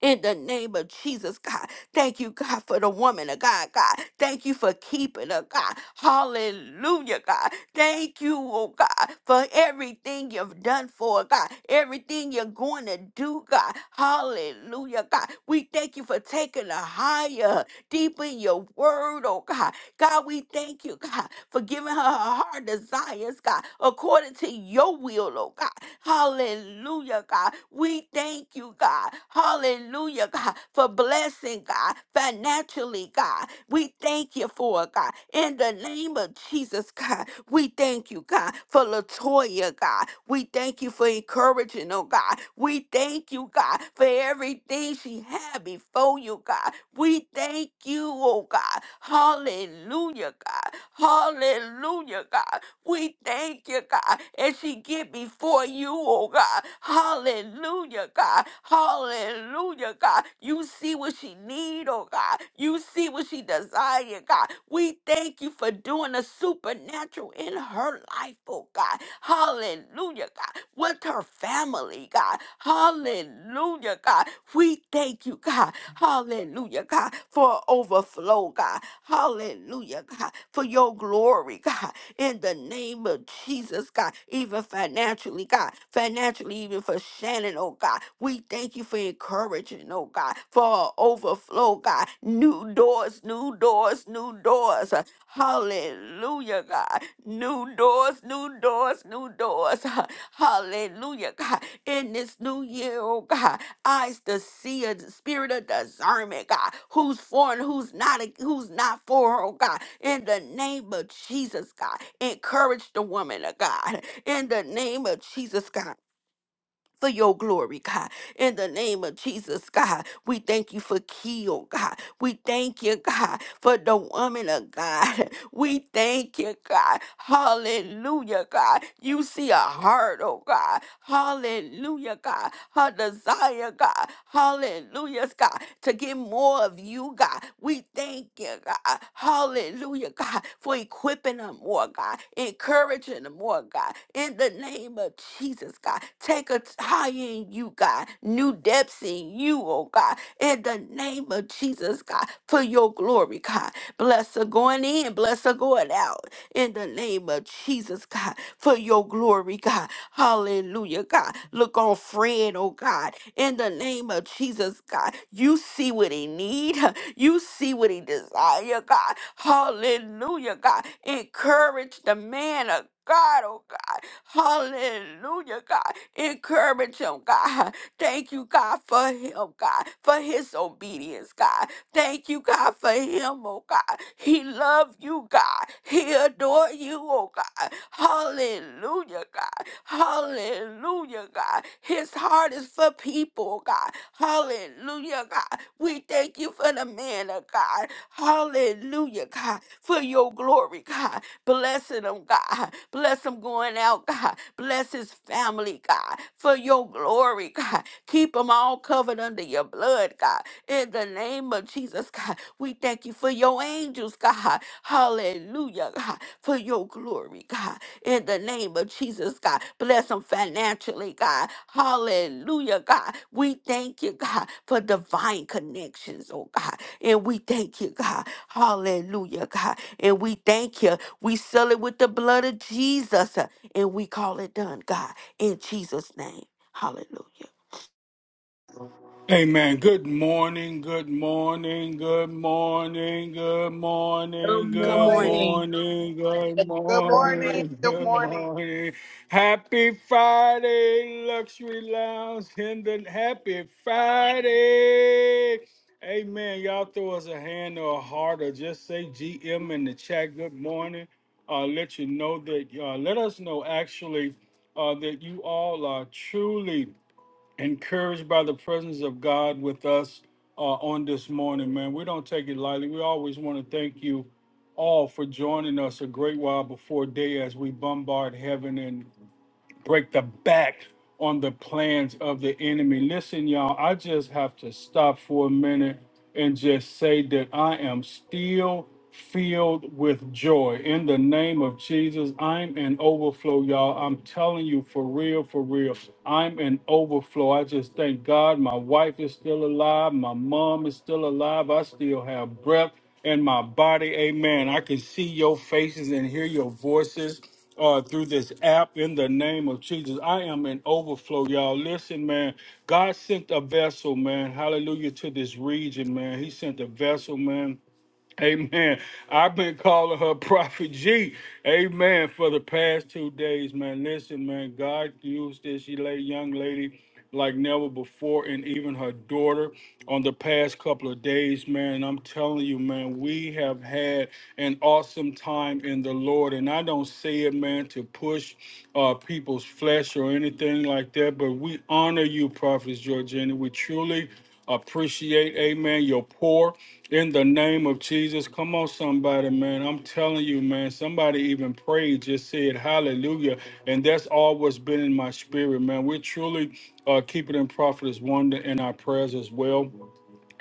in the name of Jesus, God. Thank you, God, for the woman of God, God. Thank you for keeping her, God. Hallelujah, God. Thank you, oh God, for everything you've done for her, God. Everything you're going to do, God. Hallelujah, God. We thank you for taking her higher, deep in your word, oh God. God, we thank you, God, for giving her her heart desires, God, according to your will, oh God. Hallelujah, God. We thank you, God. Hallelujah, God, for blessing, God, financially, God. We thank you for it, God. In the name of Jesus, God, we thank you, God, for Latoya, God. We thank you for encouraging her, God. We thank you, God, for everything she had before you, God. We thank you, oh God. Hallelujah, God. Hallelujah, God. We thank you, God, as she get before you, oh God. Hallelujah, God. Hallelujah, God. You see what she need, oh God. You see what she desire, God. We thank you for doing the supernatural in her life, oh God. Hallelujah, God. With her family, God. Hallelujah, God. We thank you, God. Hallelujah, God, for overflow, God. Hallelujah, God, for your glory, God in the name of Jesus, God, even financially, God, financially, even for Shannon, oh God. We thank you for encouraging, oh God, for overflow, God, new doors, new doors, new doors. Hallelujah, God. New doors, new doors, new doors. Hallelujah, God. In this new year, oh God, eyes to see a spirit of discernment, God. Who's for and who's not, who's not for, oh God in the name of Jesus, God. Encourage the woman of God in the name of Jesus, God. For your glory, God. In the name of Jesus, God, we thank you for Keo, God. We thank you, God, for the woman of God. We thank you, God. Hallelujah, God. You see a heart, oh God. Hallelujah, God. Her desire, God. Hallelujah, God. To get more of you, God. We thank you, God. Hallelujah, God, for equipping her more, God. Encouraging her more, God. In the name of Jesus, God. Take her t- higher in you, God. New depths in you, oh God in the name of Jesus, God, for your glory, God. Bless her going in, bless her going out in the name of Jesus, God, for your glory, God. Hallelujah, God. Look on Fred, oh God, in the name of Jesus, God. You see what he need, you see what he desire, God. Hallelujah, God. Encourage the man of God, oh God. Hallelujah, God. Encourage him, God. Thank you, God, for him, God, for his obedience, God. Thank you, God, for him, oh God. He loved you, God. He adored you, oh God. Hallelujah, God. Hallelujah, God. His heart is for people, God. Hallelujah, God. We thank you for the man of God. Hallelujah, God, for your glory, God. Blessing him, oh, God. Bless him going out, God. Bless his family, God, for your glory, God. Keep them all covered under your blood, God. In the name of Jesus, God, we thank you for your angels, God. Hallelujah, God, for your glory, God. In the name of Jesus, God, bless them financially, God. Hallelujah, God. We thank you, God, for divine connections, oh God. And we thank you, God. Hallelujah, God. And we thank you. We seal it with the blood of Jesus uh, and we call it done, God. In Jesus' name. Hallelujah.
Amen. Good morning, good morning, good morning, good morning,
Good
Good
good
morning.
morning.
morning, good
Good morning.
morning,
Good
good
morning.
morning. Happy Friday, Luxury Lounge. Hendon, happy Friday. Amen. Y'all throw us a hand or a heart or just say GM in the chat. Good morning. Uh, let you know that, uh, let us know actually uh, that you all are truly encouraged by the presence of God with us uh, on this morning, man. We don't take it lightly. We always want to thank you all for joining us a great while before day as we bombard heaven and break the back on the plans of the enemy. Listen, y'all, I just have to stop for a minute and just say that I am still filled with joy in the name of Jesus. I'm in overflow, y'all. I'm telling you for real, for real. I'm in overflow. I just thank God my wife is still alive. My mom is still alive. I still have breath in my body. Amen. I can see your faces and hear your voices uh, through this app in the name of Jesus. I am in overflow, y'all. Listen, man, God sent a vessel, man. Hallelujah to this region, man. He sent a vessel, man. Amen. I've been calling her Prophet G. Amen. For the past two days, man. Listen, man. God used this la- young lady like never before, and even her daughter on the past couple of days, man. I'm telling you, man, we have had an awesome time in the Lord. And I don't say it, man, to push uh, people's flesh or anything like that, but we honor you, Prophet Georgina. We truly appreciate, amen, your poor in the name of Jesus. Come on, somebody, man. I'm telling you, man, somebody even prayed, just said hallelujah. And that's always been in my spirit, man. We're truly uh, keeping in prophetess wonder in our prayers as well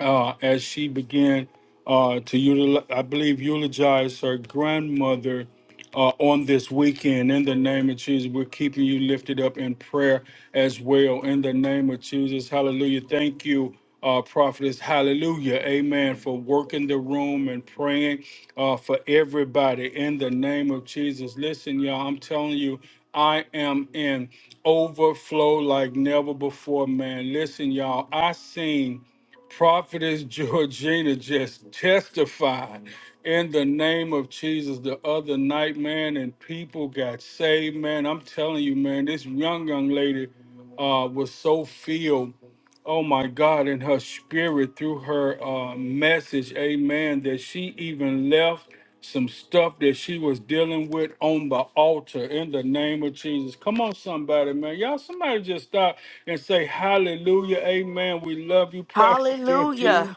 uh, as she began uh, to, util- I believe, eulogize her grandmother uh, on this weekend. In the name of Jesus, we're keeping you lifted up in prayer as well. In the name of Jesus, hallelujah. Thank you. Uh, prophetess, hallelujah, amen, for working the room and praying uh, for everybody in the name of Jesus. Listen, y'all, I'm telling you, I am in overflow like never before, man. Listen, y'all, I seen Prophetess Georgina just testified in the name of Jesus the other night, man, and people got saved, man. I'm telling you, man, this young, young lady uh, was so filled Oh my God, in her spirit through her uh, message, amen, that she even left some stuff that she was dealing with on the altar in the name of Jesus. Come on, somebody, man. Y'all, somebody just stop and say, Hallelujah, amen. We love you, Prophet
Hallelujah.
Georgine.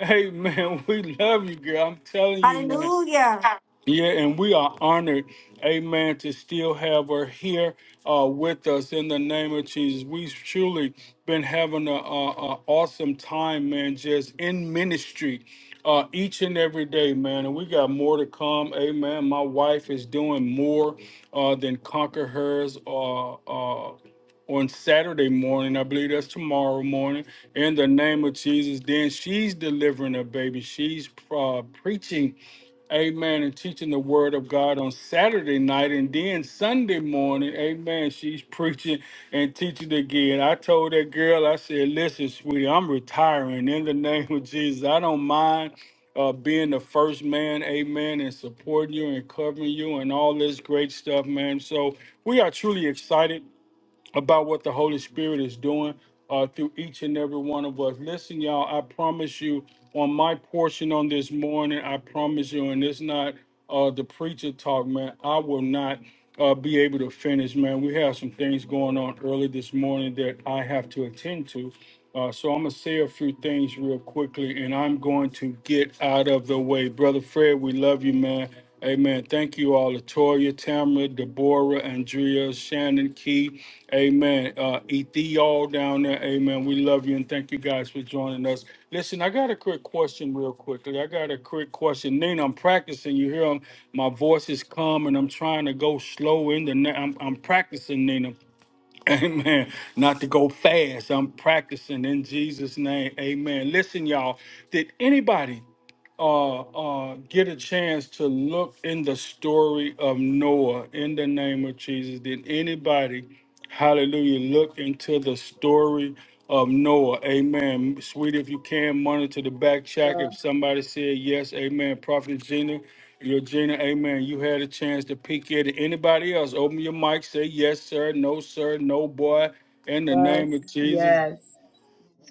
Amen. We love you, girl. I'm telling you, man.
Hallelujah.
Yeah, and we are honored, amen, to still have her here uh, with us in the name of Jesus. We've truly been having an awesome time, man, just in ministry uh, each and every day, man. And we got more to come, amen. My wife is doing more uh, than Conquer Hers uh, uh, on Saturday morning. I believe that's tomorrow morning. In the name of Jesus, then she's delivering a baby. She's uh, preaching amen, and teaching the word of God on Saturday night. And then Sunday morning, amen, she's preaching and teaching again. I told that girl, I said, listen, sweetie, I'm retiring in the name of Jesus. I don't mind. Uh, being the first man, amen, and supporting you and covering you and all this great stuff, man. So we are truly excited about what the Holy Spirit is doing uh, through each and every one of us. Listen, y'all, I promise you, on my portion on this morning, I promise you, and it's not uh, the preacher talk, man, I will not uh, be able to finish, man. We have some things going on early this morning that I have to attend to. Uh, so I'm going to say a few things real quickly, and I'm going to get out of the way. Brother Fred, we love you, man. Amen. Thank you all, Latoya, Tamara, Deborah, Andrea, Shannon, Key. Amen. Uh, Ethie, all down there. Amen. We love you and thank you guys for joining us. Listen, I got a quick question, real quickly. I got a quick question. Nina, I'm practicing. You hear 'em? my voice is calm and I'm trying to go slow in the. Na- I'm, I'm practicing, Nina. Amen. Not to go fast. I'm practicing in Jesus' name. Amen. Listen, y'all. Did anybody? uh, uh, get a chance to look in the story of Noah in the name of Jesus, did anybody, hallelujah, look into the story of Noah? Amen. Sweetie, if you can, monitor the back check. If somebody said yes, amen. Prophet Gina, your Gina, amen. You had a chance to peek at it. Anybody else, open your mic, say yes, sir, no, sir, no, boy, in the name of Jesus.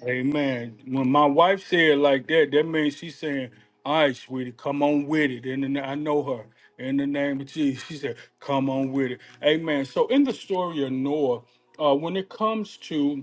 Amen. When my wife said it like that, that means she's saying, "All right, sweetie, come on with it." And then I know her in the name of Jesus. She said, "Come on with it." Amen. So in the story of Noah, uh, when it comes to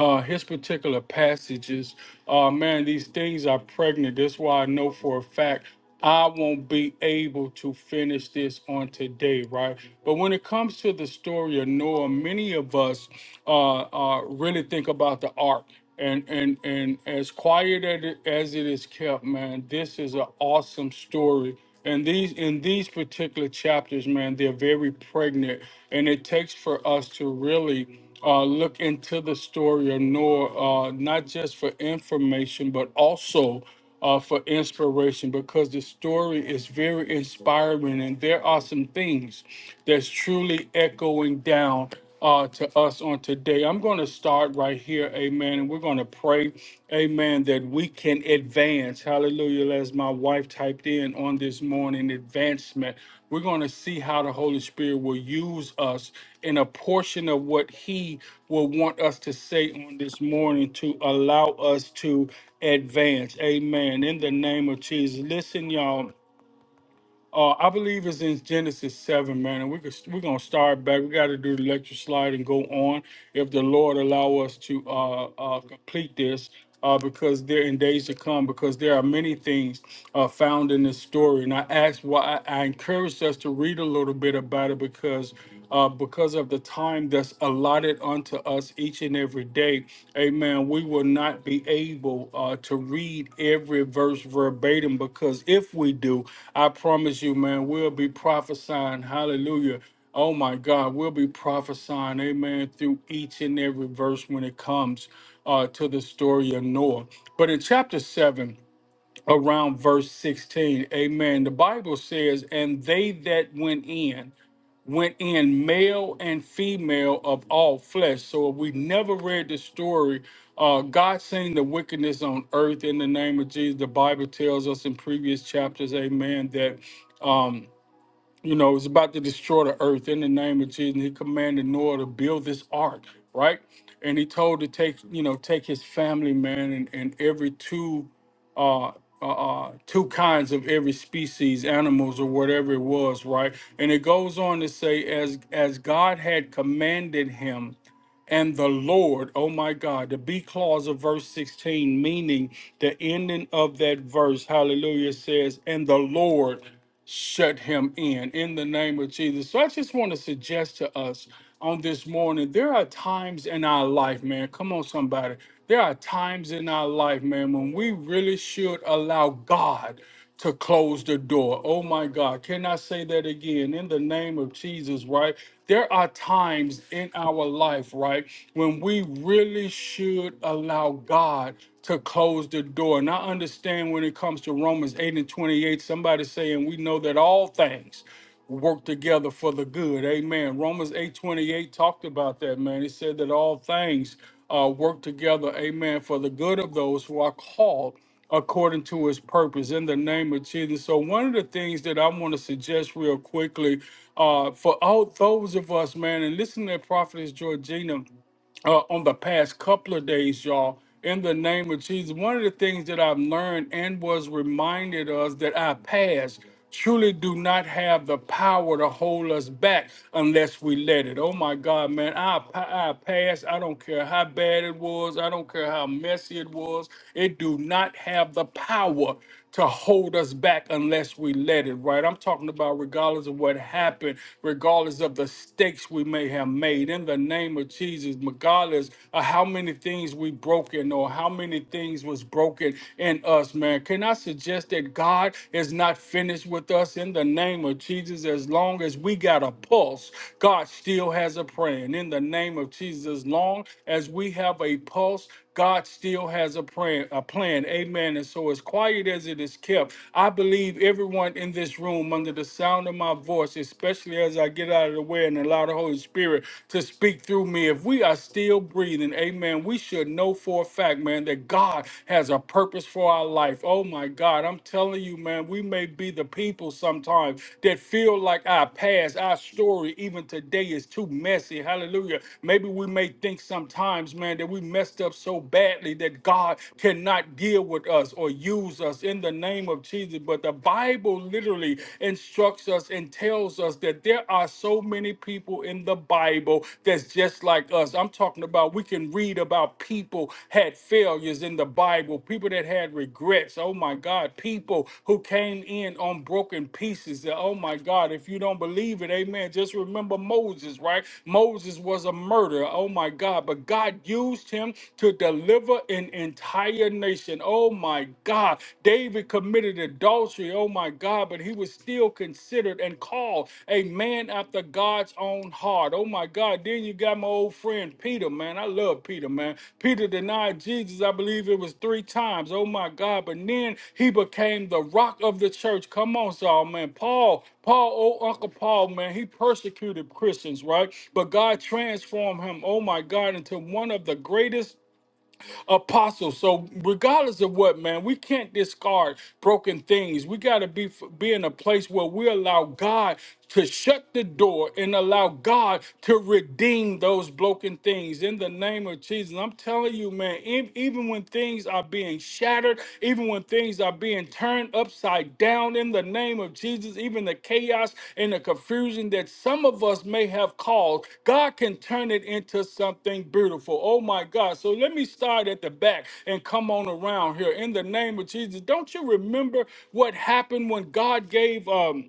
uh, his particular passages. Uh, man, these things are pregnant. That's why I know for a fact I won't be able to finish this on today, right? But when it comes to the story of Noah, many of us uh, uh, really think about the ark. And, and and as quiet as it as it is kept, man, this is an awesome story and these in these particular chapters, man, they're very pregnant, and it takes for us to really uh, look into the story of Noah, uh, not just for information, but also uh, for inspiration, because the story is very inspiring, and there are some things that's truly echoing down uh, to us on today. I'm going to start right here, amen, and we're going to pray, amen, that we can advance. Hallelujah, as my wife typed in on this morning, advancement. We're going to see how the Holy Spirit will use us in a portion of what He will want us to say on this morning to allow us to advance. Amen. In the name of Jesus. Listen, y'all uh, I believe it's in Genesis seven, man, and we could we're gonna start back. We got to do the lecture slide and go on if the Lord allow us to uh, uh, complete this, uh, because there in days to come, because there are many things uh, found in this story. And I asked why I, I encouraged us to read a little bit about it because uh, because of the time that's allotted unto us each and every day. Amen. We will not be able uh, to read every verse verbatim because if we do, I promise you, man, we'll be prophesying. Hallelujah. Oh my God, we'll be prophesying, amen, through each and every verse when it comes uh, to the story of Noah. But in chapter 7, around verse 16, amen, the Bible says, And they that went in, went in male and female of all flesh. So if we never read the story, uh, God seen the wickedness on earth in the name of Jesus. The Bible tells us in previous chapters, amen, that. um, you know, it's about to destroy the earth in the name of Jesus. And he commanded Noah to build this ark, right? And he told to take, you know, take his family, man, and, and every two uh uh, uh, two kinds of every species, animals or whatever it was, right? And it goes on to say, as as God had commanded him, and the Lord, oh my God, the B clause of verse 16, meaning the ending of that verse, hallelujah, says, and the Lord shut him in, in the name of Jesus. So I just want to suggest to us on this morning, there are times in our life, man, come on, somebody, there are times in our life, man, when we really should allow God to close the door. Oh my God. Can I say that again? In the name of Jesus, right? there are times in our life, right, when we really should allow God to close the door. And I understand when it comes to Romans 8 and 28, somebody saying we know that all things will work together for the good. Amen. Romans 8:28 talked about that, man. He said that all things uh, work together, amen, for the good of those who are called according to his purpose in the name of Jesus. So one of the things that I want to suggest real quickly uh, for all those of us, man, and listen to Prophetess Georgina uh, on the past couple of days, y'all. In the name of Jesus, one of the things that I've learned and was reminded us that our past truly do not have the power to hold us back unless we let it. Oh my God, man, our, pa- our past, I don't care how bad it was, I don't care how messy it was, it do not have the power to hold us back unless we let it, right? I'm talking about regardless of what happened, regardless of the stakes we may have made in the name of Jesus, regardless of how many things we broken or how many things was broken in us, man. Can I suggest that God is not finished with us in the name of Jesus? As long as we got a pulse, God still has a plan in the name of Jesus. As long as we have a pulse, God still has a plan, a plan. Amen. And so as quiet as it is kept, I believe everyone in this room under the sound of my voice, especially as I get out of the way and allow the Holy Spirit to speak through me, if we are still breathing, amen, we should know for a fact, man, that God has a purpose for our life. Oh my God, I'm telling you, man, we may be the people sometimes that feel like our past, our story, even today is too messy. Hallelujah. Maybe we may think sometimes, man, that we messed up so so badly that God cannot deal with us or use us in the name of Jesus. But the Bible literally instructs us and tells us that there are so many people in the Bible that's just like us. I'm talking about we can read about people had failures in the Bible, people that had regrets. Oh my God, people who came in on broken pieces. Oh my God, if you don't believe it, amen. Just remember Moses, right? Moses was a murderer. Oh my God, but God used him to to deliver an entire nation. Oh my God. David committed adultery. Oh my God. But he was still considered and called a man after God's own heart. Oh my God. Then you got my old friend Peter, man. I love Peter, man. Peter denied Jesus, I believe it was three times. Oh my God. But then he became the rock of the church. Come on, Saul, man. Paul, Paul, oh Uncle Paul, man, he persecuted Christians, right? But God transformed him, oh my God, into one of the greatest apostles. So regardless of what, man, we can't discard broken things. We got to be be in a place where we allow God to shut the door and allow God to redeem those broken things in the name of Jesus. I'm telling you, man, e- even when things are being shattered, even when things are are being turned upside down in the name of Jesus. Even the chaos and the confusion that some of us may have caused, God can turn it into something beautiful. Oh my God. So let me start at the back and come on around here in the name of Jesus. Don't you remember what happened when God gave um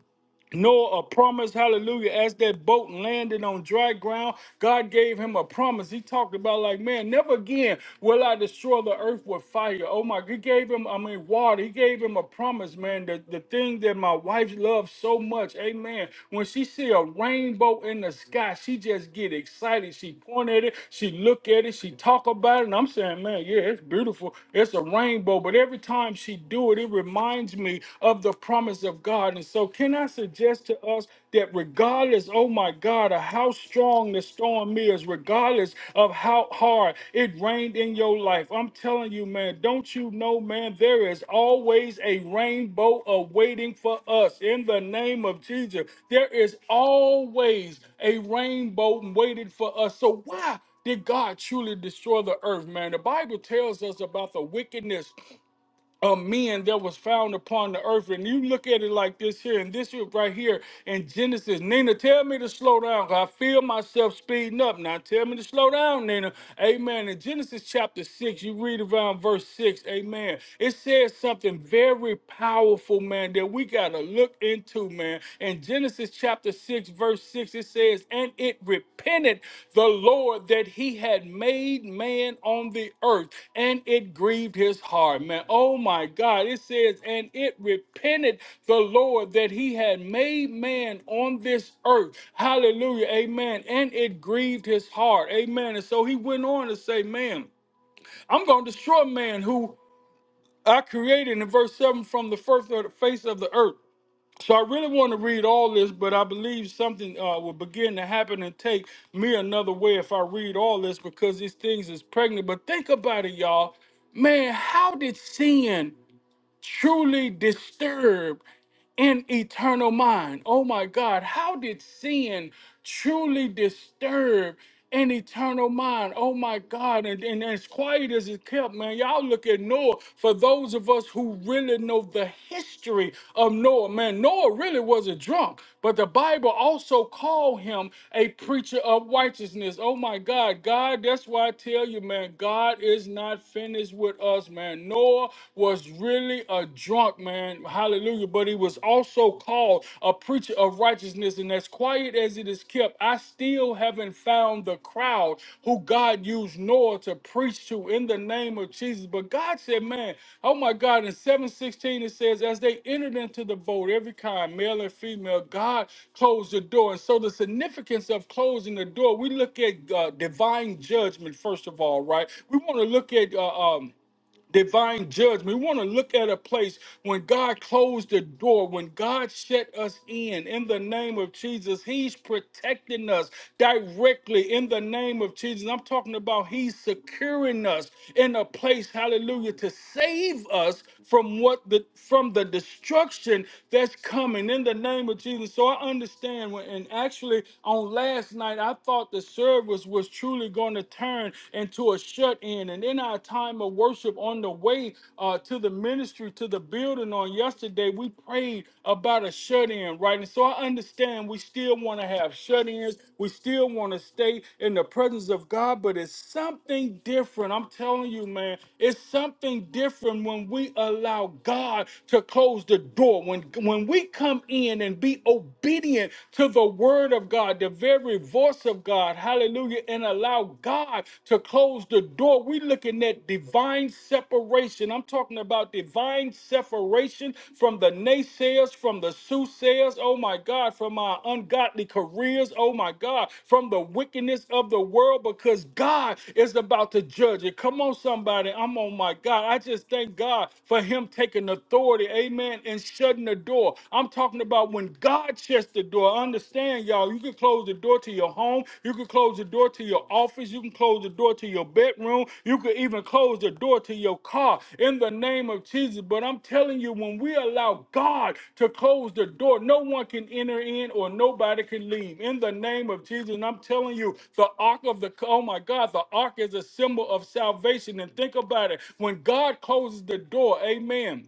Noah a promise, hallelujah, as that boat landed on dry ground, God gave him a promise. He talked about like, man, never again will I destroy the earth with fire. Oh my, he gave him, I mean, water. He gave him a promise, man, the, the thing that my wife loves so much, amen. When she see a rainbow in the sky, she just get excited. She point at it, she look at it, she talk about it, and I'm saying, man, yeah, it's beautiful. It's a rainbow, but every time she do it, it reminds me of the promise of God. And so, can I suggest to us that regardless, oh my God, of how strong the storm is, regardless of how hard it rained in your life, I'm telling you, man, don't you know, man, there is always a rainbow awaiting for us in the name of Jesus. There is always a rainbow waiting for us. So, why? Did God truly destroy the earth, man? The Bible tells us about the wickedness of men that was found upon the earth. And you look at it like this here, and this here right here in Genesis. Nina, tell me to slow down. 'cause I feel myself speeding up. Now tell me to slow down, Nina. Amen. In Genesis chapter 6, you read around verse 6. Amen. It says something very powerful, man, that we got to look into, man. In Genesis chapter 6, verse 6 it says and it repented the lord that he had made man on the earth and it grieved his heart man oh my god it says and it repented the lord that he had made man on this earth hallelujah amen and it grieved his heart amen and so he went on to say man i'm going to destroy man who i created in verse 7 from the first of the face of the earth so I really want to read all this, but I believe something uh, will begin to happen and take me another way if I read all this because these things is pregnant. But think about it, y'all. Man, how did sin? truly disturbed in eternal mind. Oh my God, how did sin truly disturb an eternal mind? Oh my God, and, and as quiet as it kept, man, y'all look at Noah. For those of us who really know the history of Noah, man, Noah really was a drunk. But the Bible also called him a preacher of righteousness. Oh my God, God, that's why I tell you, man, God is not finished with us, man. Noah was really a drunk, man. Hallelujah. But he was also called a preacher of righteousness. And as quiet as it is kept, I still haven't found the crowd who God used Noah to preach to in the name of Jesus. But God said, man, oh my God, in 716 it says, as they entered into the boat, every kind, male and female, God closed the door. And so the significance of closing the door, we look at uh, divine judgment, first of all, right? We want to look at uh, um, divine judgment. We want to look at a place when God closed the door, when God shut us in, in the name of Jesus. He's protecting us directly in the name of Jesus. I'm talking about He's securing us in a place, hallelujah, to save us from what the from the destruction that's coming in the name of Jesus. So I understand when and actually on last night I thought the service was truly going to turn turned into a shut in. And in our time of worship on the way uh, to the ministry, to the building on yesterday, we prayed about a shut in, right? And so I understand we still want to have shut ins. We still want to stay in the presence of God, but it's something different. I'm telling you, man, it's something different when we allow God to close the door. When, when we come in and be obedient to the word of God, the very very voice of God, hallelujah, and allow God to close the door. We're looking at divine separation. I'm talking about divine separation from the naysayers, from the soothsayers, oh my God, from our ungodly careers, oh my God, from the wickedness of the world, because God is about to judge it. Come on, somebody. I'm on my God. I just thank God for Him taking authority, amen, and shutting the door. I'm talking about about when God shuts the door. Understand, y'all, you can close the door to your home. You can close the door to your office. You can close the door to your bedroom. You can even close the door to your car in the name of Jesus. But I'm telling you, when we allow God to close the door, no one can enter in or nobody can leave in the name of Jesus. And I'm telling you, the ark of the, oh my God, the ark is a symbol of salvation. And think about it when God closes the door, amen.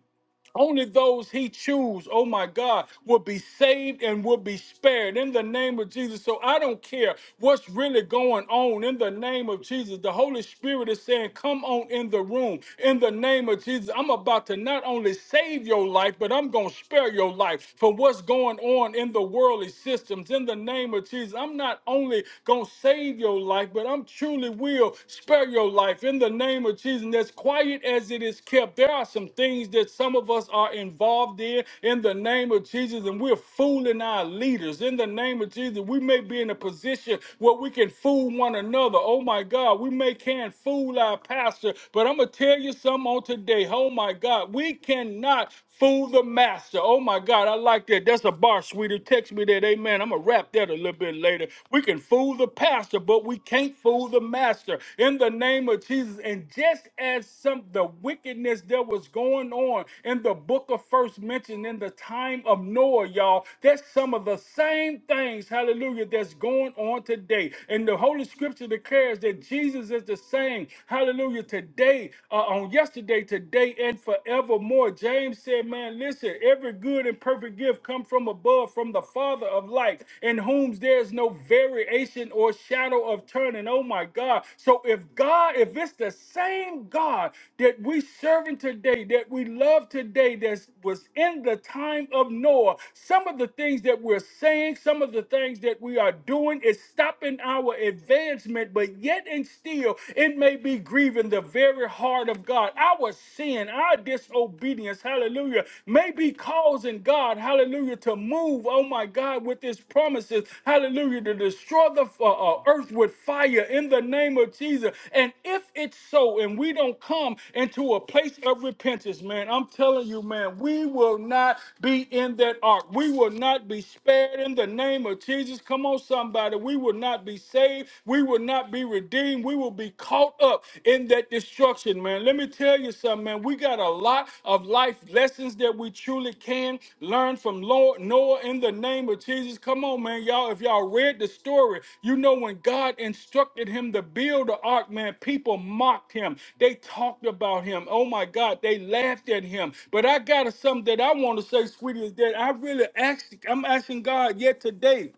Only those he choose, oh my God, will be saved and will be spared in the name of Jesus. So I don't care what's really going on in the name of Jesus. The Holy Spirit is saying, Come on in the room in the name of Jesus. I'm about to not only save your life, but I'm going to spare your life from what's going on in the worldly systems in the name of Jesus. I'm not only going to save your life, but I'm truly will spare your life in the the name of Jesus, and as quiet as it is kept, there are some things that some of us are involved in in the name of Jesus, and we're fooling our leaders in the name of Jesus. We may be in a position where we can fool one another. Oh my God, we may can fool our pastor, but I'm gonna tell you something on today. Oh my God, we cannot Fool the master. Oh my God, I like that. That's a bar, sweetie. Text me that. Amen. I'm going to wrap that a little bit later. We can fool the pastor, but we can't fool the master. In the name of Jesus. And just as some the wickedness that was going on in the book of first mentioned in the time of Noah, y'all, that's some of the same things, hallelujah, that's going on today. And the Holy Scripture declares that Jesus is the same, hallelujah, today, uh, on yesterday yesterday, today, and forevermore. James said, Man, listen, every good and perfect gift come from above, from the Father of light, in whom there's no variation or shadow of turning. Oh my God. So if God, if it's the same God that we serving today, that we love today, that was in the time of Noah, some of the things that we're saying, some of the things that we are doing is stopping our advancement, but yet and still it may may be grieving the very heart of God. Our sin, our disobedience, hallelujah, may be causing God, hallelujah, to move, oh my God, with his promises, hallelujah, to destroy the uh, uh, earth with fire in the name of Jesus. And if it's so, and we don't come into a place of repentance, man, I'm telling you, man, we will not be in that ark. We will not be spared in the name of Jesus. Come on, somebody. We will not be saved redeemed. We will not be redeemed. We will be caught up in that destruction, man. Let me tell you something, man. We got a lot of life lessons that we truly can learn from Lord Noah in the name of Jesus. Come on, man. Y'all, if y'all read the story, you know when God instructed him to build the ark, man, people mocked him. They talked about him. Oh my God, they laughed at him. But I got something that I want to say, sweetie, is that I really asked, I'm asking God yet today.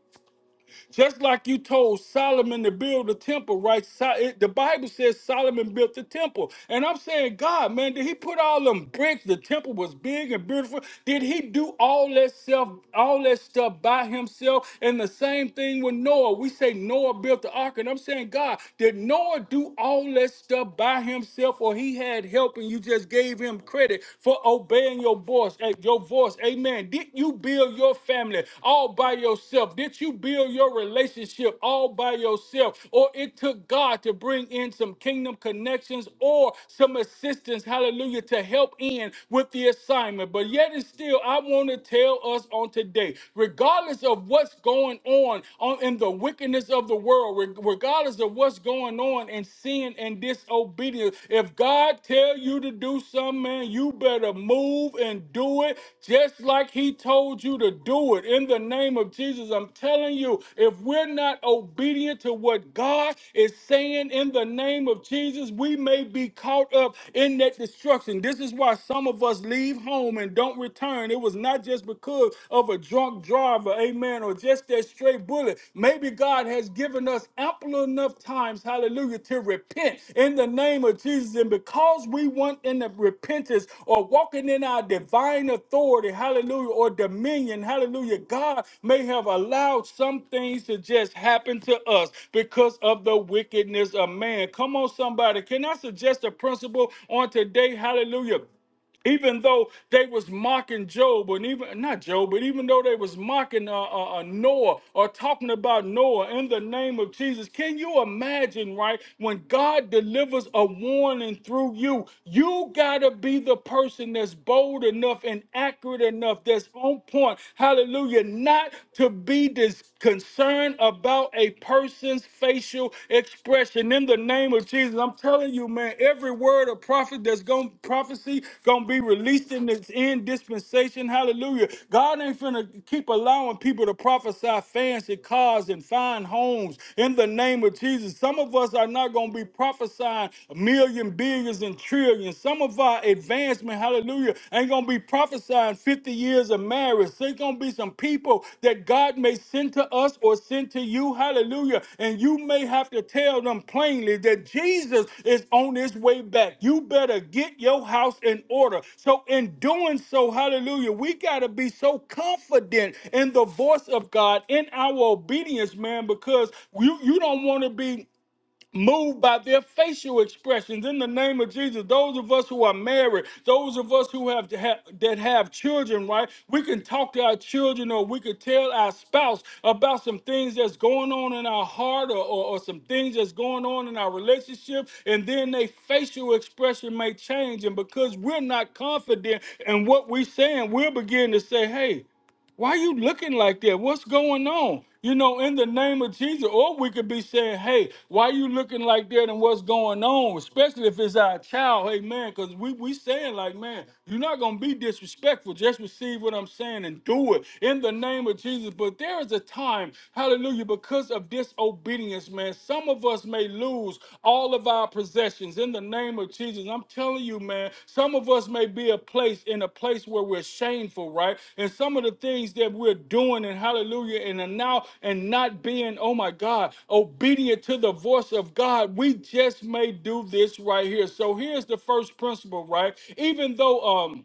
Just like you told Solomon to build the temple, right? So- it- the Bible says Solomon built the temple. And I'm saying, God, man, did he put all them bricks? The temple was big and beautiful. Did he do all that self, all that stuff by himself? And the same thing with Noah. We say Noah built the ark. And I'm saying, God, did Noah do all that stuff by himself or he had help and you just gave him credit for obeying your voice? voice, eh, your voice, amen. Did you build your family all by yourself? Did you build your relationship all by yourself? Or it took God to bring in some kingdom connections or some assistance, hallelujah, to help in with the assignment. But yet and still, I want to tell us on today, regardless of what's going on, on in the wickedness of the world, reg- regardless of what's going on in sin sin and disobedience. If God tell you to do something, man, you better move and do it just like he told you to do it. In the name of Jesus, I'm telling you, if we're not obedient to what God is saying in the name of Jesus, we may be caught up in that destruction. This is why some of us leave home and don't return. It was not just because of a drunk driver, amen, plan or just that stray bullet. Maybe God has given us ample enough times, hallelujah, to repent in the name of Jesus. And because we want in the repentance or walking in our divine authority, hallelujah, or dominion, hallelujah, God may have allowed some things to just happen to us because of the wickedness of man. Come on, somebody. Can I suggest a principle on today? Hallelujah even though they was mocking job and even not job but even though they was mocking uh, uh, uh, noah or talking about noah in the name of jesus can you imagine right when god delivers a warning through you you gotta be the person that's bold enough and accurate enough that's on point hallelujah not to be discouraged concern about a person's facial expression in the name of Jesus. I'm telling you, man, every word of prophet that's going prophecy gonna be released in this end dispensation. Hallelujah. God ain't finna keep allowing people to prophesy fancy cars and fine homes in the name of Jesus. Some of us are not gonna be prophesying a million, billions, and trillions. Some of our advancement, hallelujah hallelujah, ain't gonna be prophesying 50 years of marriage. There's gonna be some people that God may send to us or send to you, hallelujah, and you may have to tell them plainly that Jesus is on his way back. You better get your house in order. So, in doing so, hallelujah, we gotta be so confident in the voice of God, in our obedience, man, because you, you don't wanna be moved by their facial expressions in the name of Jesus. Those of us who are married, those of us who have, have that have children, right? We can talk to our children or we could tell our spouse about some things that's going on in our heart or, or, or some things that's going on in our relationship, and then their facial expression may change. And because we're not confident in what we're saying, we'll begin to say, hey, why you looking like that? What's going on? You know, in the name of Jesus. Or we could be saying, hey, why you looking like that and what's going on? Especially if it's our child, hey man, because we we saying like, man, you're not gonna be disrespectful. Just receive what I'm saying and do it in the name of Jesus. But there is a time, hallelujah, because of disobedience, man. Some of us may may lose all of our possessions in the name of Jesus. I'm telling you, man, some of us may be a place in a place where we're shameful, right? And some of the things that we're doing and hallelujah and are now and not being, oh my God, obedient to the voice of God, we just may do this right here. So here's the first principle, right? Even though um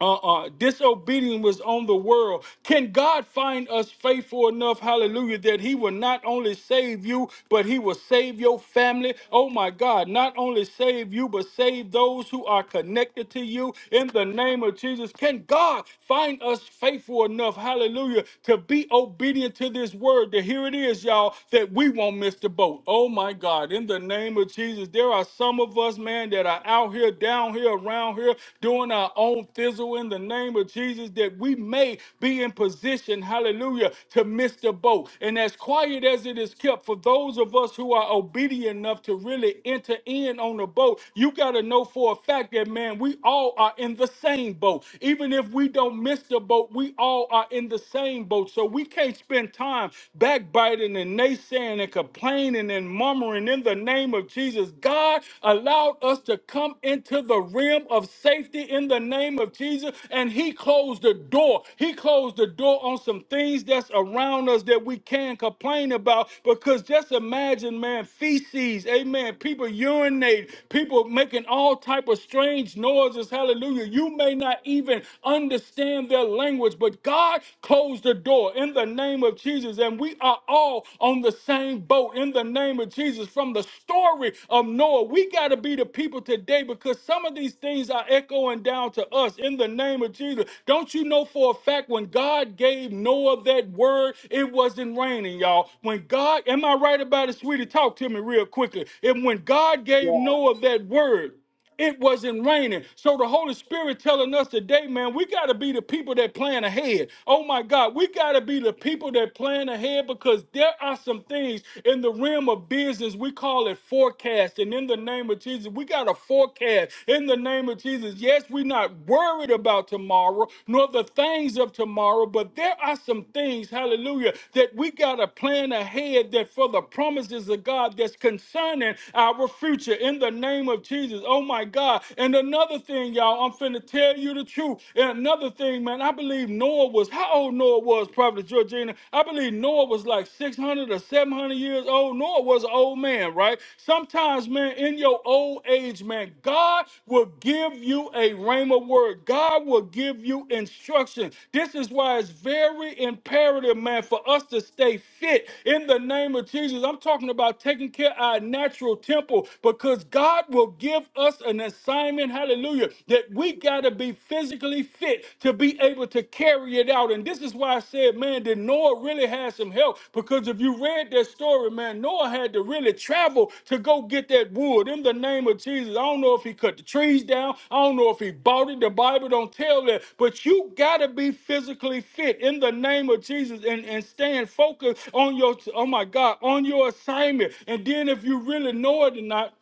uh, uh, disobedience was on the world. Can God find us faithful enough, hallelujah, that He will not only save you, but He will save your family? Oh my God, not only save you, but save those who are connected to you in the name of Jesus. Can God find us faithful enough, hallelujah, to be obedient to this word? To here it is, y'all, that we won't miss the boat. Oh my God, in the name of Jesus, there are some of us, man, that are out here here, down here, around here, doing our own thizzle in the name of Jesus that we may be in position, hallelujah, to miss the boat. And as quiet as it is kept, for those of us who are obedient enough to really enter in on the boat, you got to know for a fact that, man, we all are in the same boat. Even if we don't miss the boat, we all are in the same boat. So we can't spend time backbiting and naysaying and complaining and murmuring in the name of name of Jesus. God allowed us to come into the realm of safety in the name of Jesus, and He closed the door. He closed the door on some things that's around us that we can complain about because just imagine, man, feces, amen, people urinate, people making all type of strange noises, hallelujah. You may not even understand their language, but God closed the door in the name of Jesus, and we are all on the on the same boat in the name of Jesus from the story of Noah. We got to be the people today because some of these things are echoing down to us in the name of Jesus. Don't you know for a fact when God gave Noah that word, it wasn't raining, y'all. When God, am I right about it, sweetie? Talk to me real quickly. And when God gave Noah that word, it wasn't raining. So the Holy Spirit telling us today, man, we got to be the people that plan ahead. Oh my God, we got to be the people that plan ahead because there are some things in the realm of business. We call it forecast. And in the name of Jesus, we got to forecast. In the name of Jesus, yes, we're not worried about tomorrow nor the things of tomorrow, but there are some things, hallelujah, that we got to plan ahead that for the promises of God that's concerning our future. In the name of Jesus. Jesus. Oh my God. And another thing, y'all, I'm finna tell you the truth. And another thing, man, I believe Noah was, how old Noah was, Prophet Georgina? I believe Noah was like 600 or 700 years old. Noah was an old man, right? Sometimes, man, in your old age, man, God will give you a rhema word. God will give you instruction. This is why it's very imperative, man, for us to stay fit in the name of Jesus. I'm talking about taking care of our natural temple because God God will give us an assignment, hallelujah, that we got to be physically fit to be able to carry it out. And this is why I said, man, that Noah really had some help because if you read that story, man, Noah had to really travel to go get that wood in the name of Jesus. I don't know if he cut the trees down, I don't know if he bought it. The Bible don't tell that, but you got to be physically fit in the name of Jesus and, and stand focused on your, oh my God, on your assignment. And then if you really know it or not,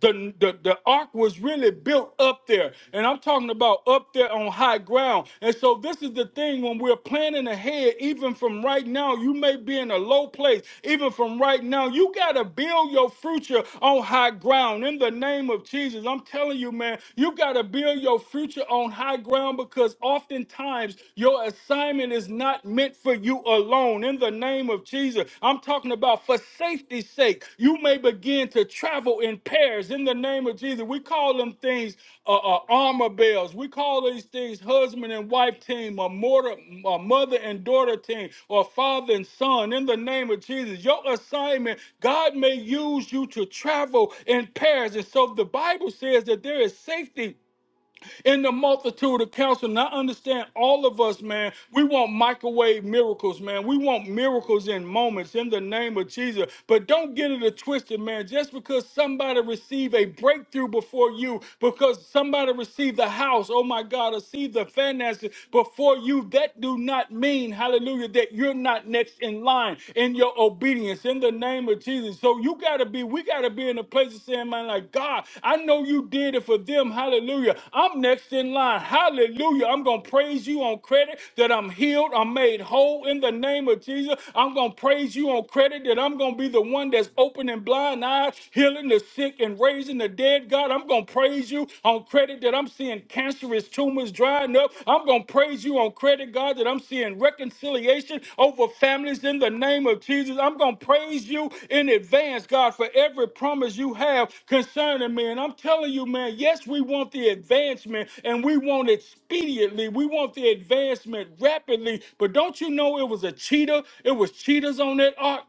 the, the, the ark was really built up there. And I'm talking about up there on high ground. And so this is the thing when we're planning ahead, even from right now, you may be in a low place. Even from right now, you got to build your future on high ground. In the name of Jesus, I'm telling you, man, you got to build your future on high ground because oftentimes your assignment is not meant for you alone alone in the name of Jesus. I'm talking about for safety's sake, you may begin to travel in pairs in the name of Jesus. We call them things uh, uh, armor bells. We call these things husband and wife team, or mortar, a mother and daughter team, or father and son in the name of Jesus. Your assignment, God may use you to travel in pairs. And so the Bible says that there is safety in the multitude of counsel. And I understand all of us, man, we want microwave miracles, man. We want miracles in moments in the name of Jesus. But don't get it twisted, man. Just because somebody received a breakthrough before you, because somebody received the house, oh my God, received the finances before you, that do not mean, hallelujah, that you're not next in line in your obedience in the name of Jesus. So you got to be, we got to be in a place of saying, man, like, God, I know you did it for them. Hallelujah. I'm next in line. Hallelujah. I'm going to praise you on credit that I'm healed. I'm made whole in the name of Jesus. I'm going to praise you on credit that I'm going to be the one that's opening blind eyes, healing the sick, and raising the dead. God, I'm going to praise you on credit that I'm seeing cancerous tumors drying up. I'm going to praise you on credit, God, that I'm seeing reconciliation over families in the name of Jesus. I'm going to praise you in advance, God, for every promise you have concerning me. And I'm telling telling you, man, yes, we want the advancement and we want it speediently. We want the advancement rapidly. But don't you know it was a cheetah? It was cheetahs on that ark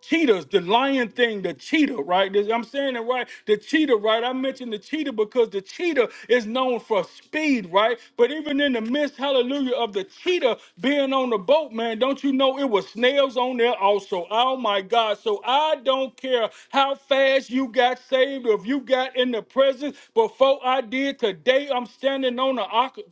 cheetahs, the lion thing, the cheetah, right? This- I'm saying it right. The cheetah, right? I mentioned the cheetah because the cheetah is known for speed, right? But even in the midst, hallelujah, of the cheetah being on the boat, man, don't you know it was snails on there also? Oh my God. So I don't care how fast you got saved, if you got in the presence before I did. Today I'm standing on the,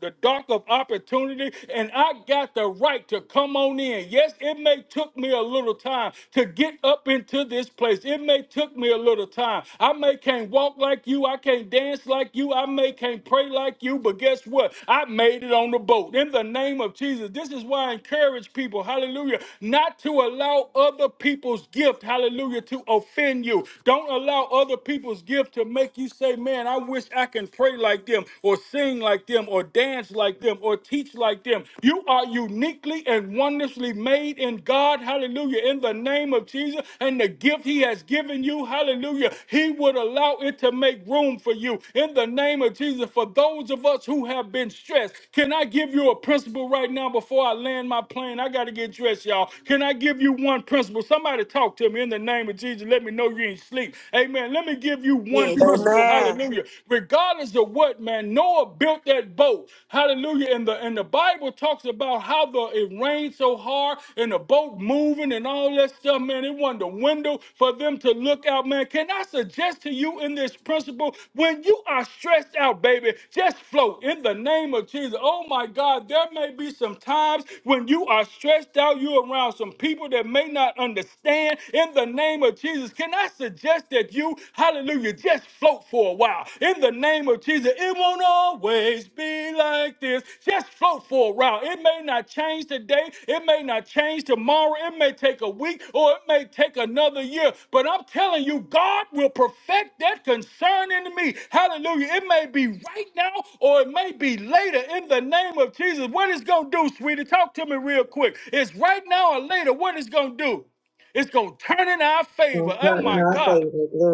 the dock of opportunity and I got the right to come on in. Yes, it may took me a little time to get up into this place. It may took me a little time. I may can't walk like you. I can't dance like you. I may can't pray like you. But guess what? I made it on the boat. In the name of Jesus. This is why I encourage people, hallelujah, not to allow other people's gift, hallelujah, to offend you. Don't allow allow other people's gift to make you say, man, I wish I can pray like them or sing like them or dance like them or teach like them. You are uniquely and wonderfully made in God. Hallelujah. In the name of Jesus and the gift he has given you. Hallelujah. He would allow it to make room for you. In the name of Jesus, for those of us who have been stressed, can I give you a principle right now before I land my plane? I got to get dressed, y'all. Can I give you one principle? Somebody talk to me in the name of Jesus. Let me know know you ain't sleep. Amen. Let me give you one
Yes.
principle.
Amen.
Hallelujah. Regardless of what, man, Noah built that boat. Hallelujah. And the and the Bible talks about how the it rained so hard and the boat moving and all that stuff, man. It wasn't a window for them to look out, man. Can I suggest to you in this principle, when you are stressed out, baby, just float in the name of Jesus. Oh my God, there may be some times when you are stressed out, you're around some people that may not understand. In the name of Jesus, can I suggest that you, hallelujah, just float for a while? In the name of Jesus, it won't always be like this. Just float for a while. It may not change today, it may not change tomorrow, it may take a week, or it may take another year. But I'm telling you, God will perfect that concern in me. Hallelujah. It may be right now or it may be later in the name of Jesus. What it's going to do, sweetie, talk to me real quick. It's right now or later. What it's going to do? It's going to turn in our favor. Oh my God.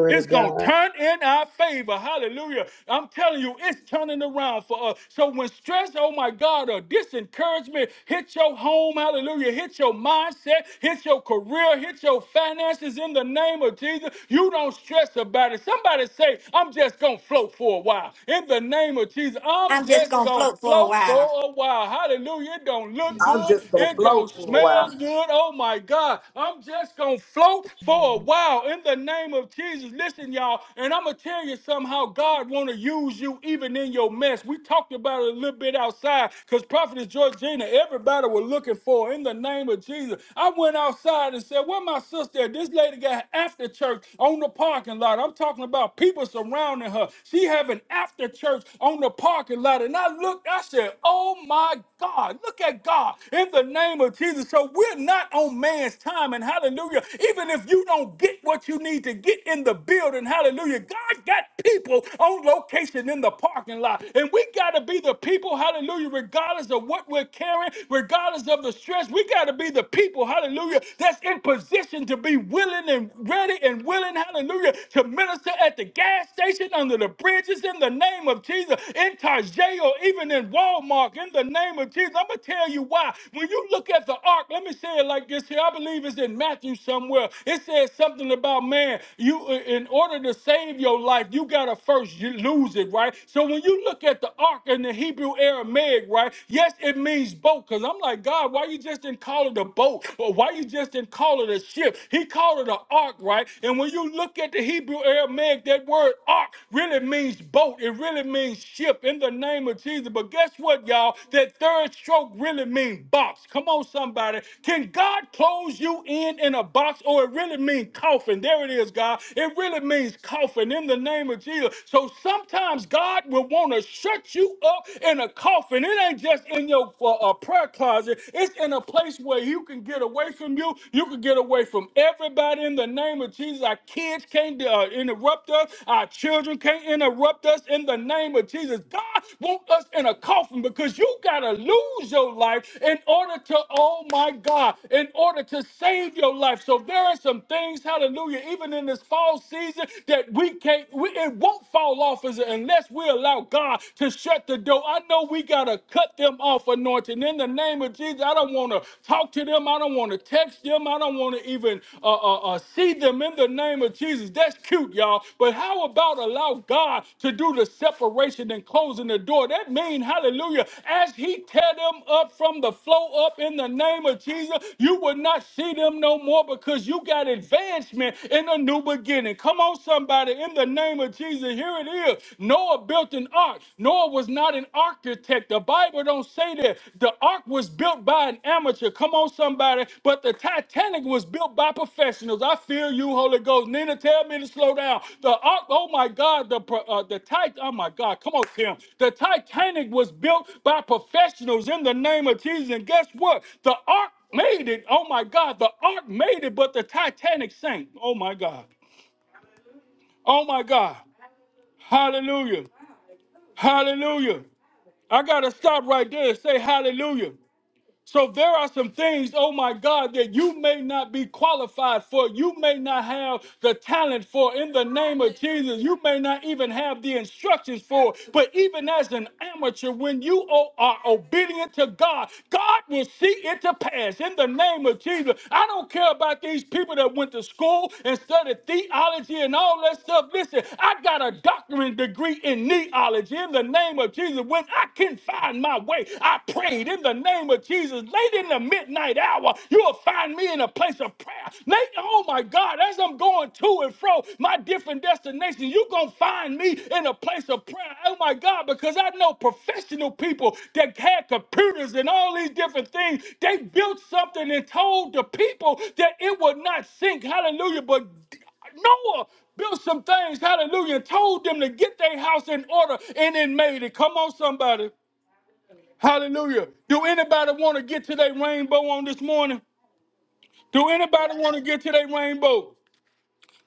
It's going to turn in our favor. Hallelujah. I'm telling you, it's turning around for us. So when stress, oh my God, or disencouragement hit your home, hallelujah, hit your mindset, hit your career, hit your finances in the name of Jesus, you don't stress about it. Somebody say, I'm just going to float for a while. In the name of Jesus, I'm
I'm just
just
going to
going to
float for a
float for
while.
a while. Hallelujah. It don't look
I'm
good.
just going to
It
flow
don't
for a
smell
while.
good. Oh my God. I'm just going to float for a while in the name of Jesus. Jesus, listen, y'all, and I'm gonna tell you somehow God wanna use you even in your mess. We talked about it a little bit outside, because Prophetess Georgina, everybody was looking for her in the name of Jesus. I went outside and said, Where my sister? This lady got after church on the parking lot. I'm talking about people surrounding her. She having after church on the parking lot. And I looked, I said, Oh my God, look at God in the name of Jesus. So we're not on man's time. And hallelujah, even if you don't get what you need to get in the in the building. Hallelujah. God got people on location in the parking lot. And we got to be the people, hallelujah, regardless of what we're carrying, regardless of the stress. We got to be the people, hallelujah, that's in position to be willing and ready and willing, hallelujah, to minister at the gas station, under the bridges, in the name of Jesus, in Tarjay or even in Walmart, in the name of Jesus. I'm going to tell you why. When you look at the ark, let me say it like this here. I believe it's in Matthew somewhere. It says something about man. You you in order to save your life, you gotta first you lose it, right? So when you look at the ark in the Hebrew Aramaic, right? Yes, it means boat. Cause I'm like, God, why you just didn't call it a boat? Or why you just didn't call it a ship? He called it an ark, right? And when you look at the Hebrew Aramaic, that word ark really means boat. It really means ship in the name of Jesus. But guess what, y'all? That third stroke really means box. Come on, somebody. Can God close you in in a box or it really mean coffin? There it is, God. It really means coffin in the name of Jesus. So sometimes God will want to shut you up in a coffin. It ain't just in your uh, uh, prayer closet. It's in a place where you can get away from you. You can get away from everybody in the name of Jesus. Our kids can't uh, interrupt us. Our children can't interrupt us in the name of Jesus. God wants us in a coffin because you got to lose your life in order to, oh my God, in order to save your life. So there are some things, hallelujah, even in this fall season that we can't, we, it won't fall off us unless we allow God to shut the door. I know we got to cut them off, anointing. In the name of Jesus, I don't want to talk to them. I don't want to text them. I don't want to even uh, uh, uh, see them in the name of Jesus. That's cute, y'all. But how about allow God to do the separation and closing the door? That means, hallelujah, as He tear them up from the flow up in the name of Jesus, you will not see them no more because you got advancement in a new beginning beginning. Come on, somebody, in the name of Jesus, here it is. Noah built an ark. Noah was not an architect. The Bible don't say that. The ark was built by an amateur. Come on, somebody. But the Titanic was built by professionals. I feel you, Holy Ghost. Nina, tell me to slow down. The ark, oh my God, the uh, the Titan, oh my God, come on, Tim. The Titanic was built by professionals in the name of Jesus. And guess what? The ark made it. Oh my God, the ark made it, but the Titanic sank. Oh my God. Oh my God. Hallelujah. Hallelujah. I got to stop right there and say hallelujah. So there are some things, oh my God, that you may not be qualified for. You may not have the talent for in the name of Jesus. You may not even have the instructions for. But even as an amateur, when you o- are obedient to God, God will see it to pass in the name of Jesus. I don't care about these people that went to school and studied theology and all that stuff. Listen, I got a doctorate degree in neology in the name of Jesus. When I can find my way, I prayed in the name of Jesus late in the midnight hour. You'll find me in a place of prayer. Late, oh my God, as I'm going to and fro my different destinations, you're going to find me in a place of prayer. Oh my God, because I know professional people that had computers and all these different things. They built something and told the people that it would not sink. Hallelujah. But Noah built some things, hallelujah, and told them to get their house in order and it made it. Come on, somebody. Hallelujah. Do anybody want to get to their rainbow on this morning? Do anybody want to get to their rainbow?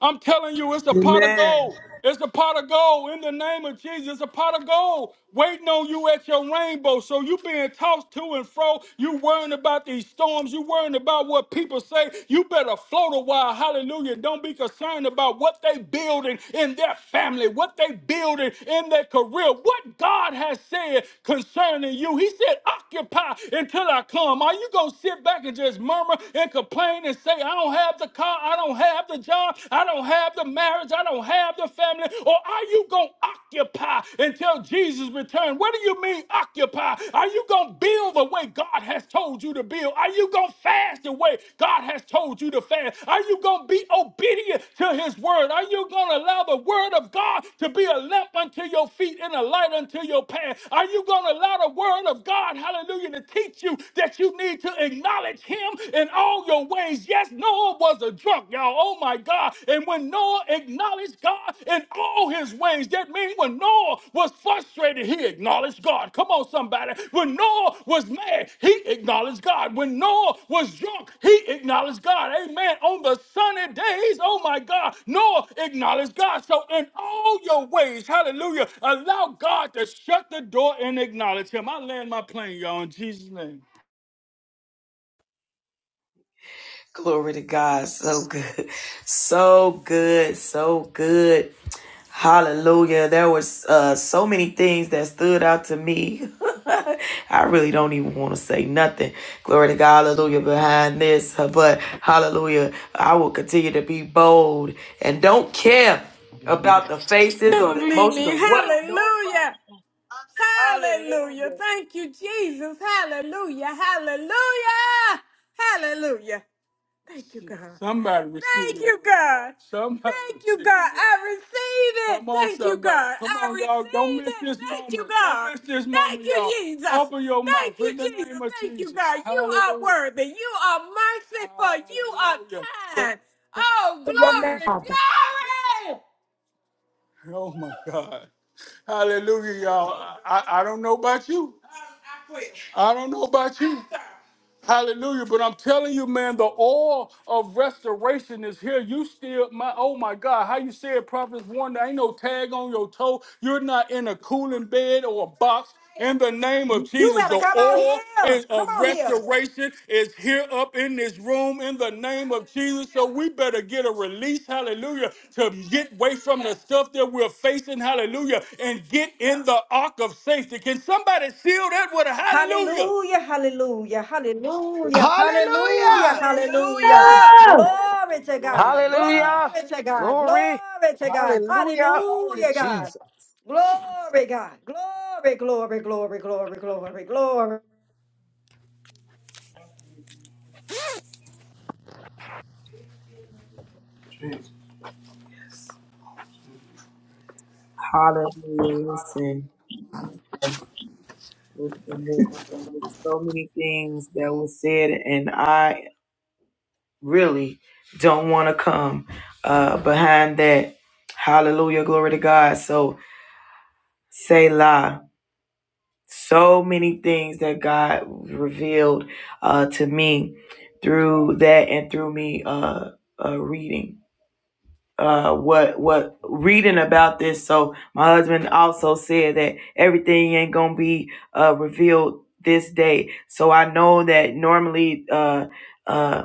I'm telling you, it's a pot of
Amen.
gold. It's a pot of gold in the name of Jesus. It's a pot of gold waiting on you at your rainbow. So you being tossed to and fro. You worrying about these storms. You worrying about what people say. You better float a while. Hallelujah. Don't be concerned about what they building in their family, what they building in their career, what God has said concerning you. He said, occupy until I come. Are you going to sit back and just murmur and complain and say, I don't have have the car. I don't have the job. I don't have the marriage. I don't have the family. Or are you going to occupy until Jesus returns? What do you mean occupy? Are you going to build the way God has told you to build? Are you going to fast the way God has told you to fast? Are you going to be obedient to his word? Are you going to allow the word of God to be a lamp unto your feet and a light unto your path? Are you going to allow the word of God, hallelujah, to teach you that you need to acknowledge him him in all your ways. Yes, Noah was a drunk, y'all. Oh my God. And when Noah acknowledged God in all his ways, that means when Noah was frustrated, he acknowledged God. Come on, somebody. When Noah was mad, he acknowledged God. When Noah was drunk, he acknowledged God. Amen. On the sunny days, oh my God, Noah acknowledged God. So in all your ways, hallelujah, allow God to shut the door and acknowledge him. I land my plane, y'all, in Jesus' name.
Glory to God. So good. So good. So good. Hallelujah. There was uh, so many things that stood out to me. I really don't even want to say nothing. Glory to God. Hallelujah. Behind this. But hallelujah. I will continue to be bold and don't care about the faces or
Don't
the
leave
emotions
me.
or what Nobody.
Hallelujah. Hallelujah.
Hallelujah.
Thank you, Jesus. Hallelujah. Hallelujah. Hallelujah. Thank you, God. Somebody receive Thank it. you, God. Somebody Thank you, receive God. it. I receive it. Come on, Thank you, somebody. God. Come I on, dog. Don't receive miss it. this Thank you, moment. Don't God. miss this Thank moment, you, y'all. Jesus. Open your mouth. Thank mouth you, in the Jesus. name of Thank you, Jesus. God. You are Hallelujah. worthy. You are merciful. You are Hallelujah. kind. Oh,
in your name,
glory, Listen.
Father.
glory. Oh my God. Hallelujah, y'all. I, I don't know about you. I don't know about you. Hallelujah. But I'm telling you, man, the oil of restoration is here. You still, my oh my God, how you said Prophets 1, there ain't no tag on your toe. You're not in a cooling bed or a box. In the name of
You
Jesus,
better
the
come on
oil
here.
is
Come
of
on here.
restoration is here up in this room in the name of Jesus. So we better get a release, hallelujah, to get away from the stuff that we're facing, hallelujah, and get in the ark of safety. Can somebody seal that with a hallelujah?
Hallelujah, hallelujah, hallelujah, hallelujah,
Hallelujah.
hallelujah. Glory to God,
Hallelujah.
glory to God,
Glory.
glory to God,
Hallelujah.
hallelujah, God.
Jesus.
Glory, God, glory, glory, glory, glory, glory, glory.
There's, and there's, and there's so many things that was said, and I really don't want to come uh, behind that. Hallelujah, glory to God. So, Selah, so many things that God revealed uh, to me through that and through me uh, uh, reading. uh what what reading about this so my husband also said that everything ain't gonna be uh revealed this day so i know that normally uh uh.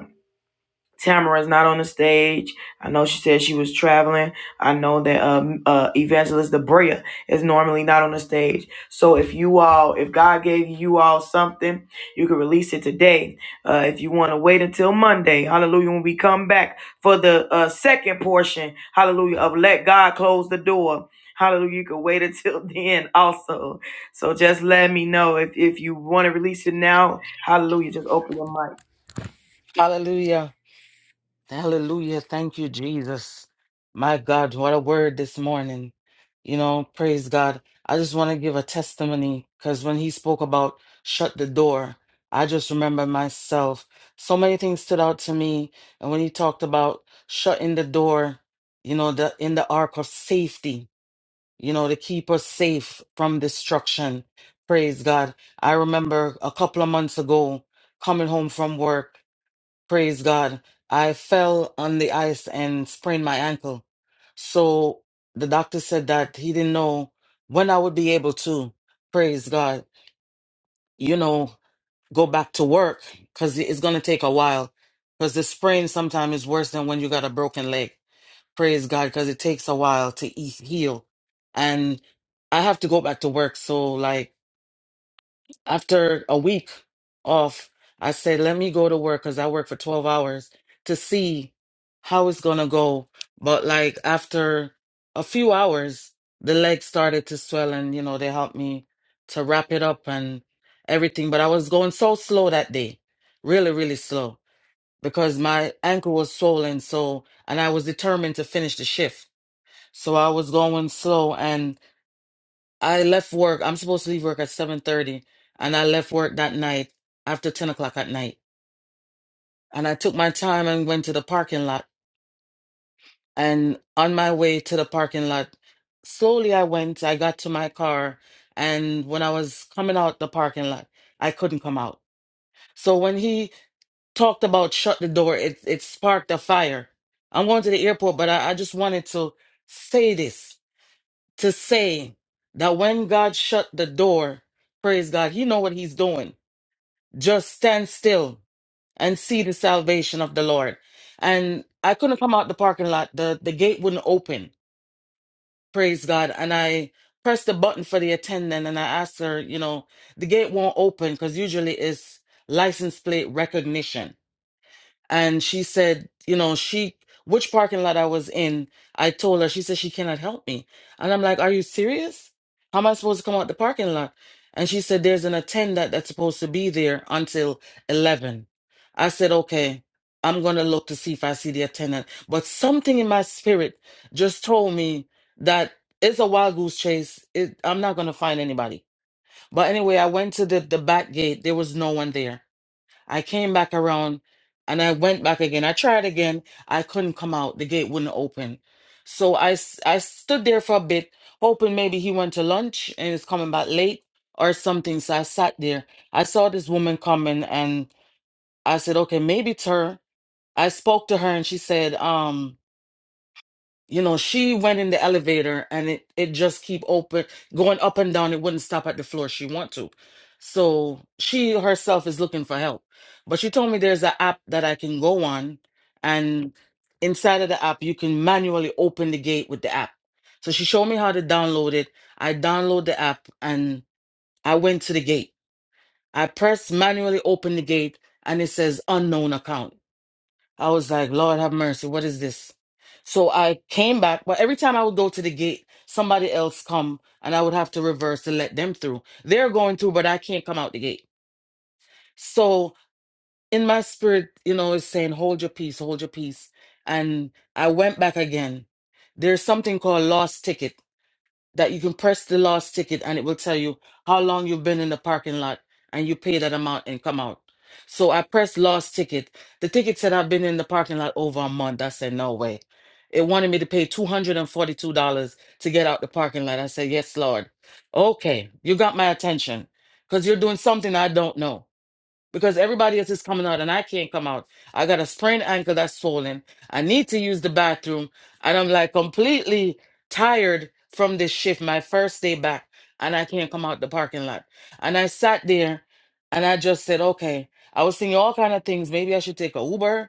Tamara's not on the stage. I know she said she was traveling. I know that um, uh, Evangelist Debrea is normally not on the stage. So if you all, if God gave you all something, you can release it today. Uh, if you want to wait until Monday, hallelujah, when we come back for the uh, second portion, hallelujah, of Let God Close the Door. Hallelujah, you can wait until then also. So just let me know if, if you want to release it now. Hallelujah, just open your mic.
Hallelujah. Hallelujah. Thank you, Jesus. My God, what a word this morning. You know, praise God. I just want to give a testimony because when he spoke about shut the door, I just remember myself. So many things stood out to me. And when he talked about shutting the door, you know, the in the ark of safety. you know, to keep us safe from destruction. Praise God. I remember a couple of months ago coming home from work. Praise God. I fell on the ice and sprained my ankle. So the doctor said that he didn't know when I would be able to, praise God, you know, go back to work because it's going to take a while because the sprain sometimes is worse than when you got a broken leg. Praise God, because it takes a while to e- heal. And I have to go back to work. So, like, after a week off, I said, let me go to work because I work for 12 hours to see how it's going to go. But, like, after a few hours, the legs started to swell and, you know, they helped me to wrap it up and everything. But I was going so slow that day, really, really slow because my ankle was swollen. So, and I was determined to finish the shift. So I was going slow and I left work. I'm supposed to leave work at 7:30 and I left work that night after 10 o'clock at night. And I took my time and went to the parking lot. And on my way to the parking lot, slowly I went, I got to my car and when I was coming out the parking lot, I couldn't come out. So when he talked about shut the door, it it sparked a fire. I'm going to the airport, but I, I just wanted to say this. to say that when God shut the door, praise God, you know what he's doing. Just stand still and see the salvation of the Lord. And I couldn't come out the parking lot. The the gate wouldn't open. Praise God. And I pressed the button for the attendant and I asked her, you know, the gate won't open because usually it's license plate recognition and she said, you know, she which parking lot I was in, I told her, she said she cannot help me. And I'm like, Are you serious? How am I supposed to come out the parking lot? And she said, There's an attendant that's supposed to be there until eleven. I said, Okay, I'm gonna look to see if I see the attendant. But something in my spirit just told me that it's a wild goose chase. It, I'm not gonna find anybody. But anyway, I went to the, the back gate. There was no one there. I came back around and I went back again. I tried again. I couldn't come out. The gate wouldn't open. So I, s- I stood there for a bit, hoping maybe he went to lunch and is coming back late or something. So I sat there. I saw this woman coming and I said, okay, maybe it's her. I spoke to her and she said, "Um." you know she went in the elevator and it it just keep open going up and down it wouldn't stop at the floor she want to so she herself is looking for help but she told me there's an app that i can go on and inside of the app you can manually open the gate with the app so she showed me how to download it i download the app and i went to the gate i press manually open the gate and it says unknown account I was like, Lord have mercy, what is this? So I came back, but every time I would go to the gate, somebody else come and I would have to reverse to let them through. They're going through, but I can't come out the gate. So in my spirit, you know, it's saying, hold your peace, hold your peace. And I went back again. There's something called lost ticket that you can press the last ticket and it will tell you how long you've been in the parking lot and you pay that amount and come out. So I pressed last ticket. The ticket said I've been in the parking lot over a month. I said, no way. It wanted me to pay $242 to get out the parking lot. I said, yes, Lord. Okay, you got my attention because you're doing something I don't know because everybody else is coming out and I can't come out. I got a sprained ankle that's swollen. I need to use the bathroom and I'm like completely tired from this shift, my first day back, and I can't come out the parking lot. And I sat there and I just said, okay, I was thinking all kind of things. Maybe I should take a Uber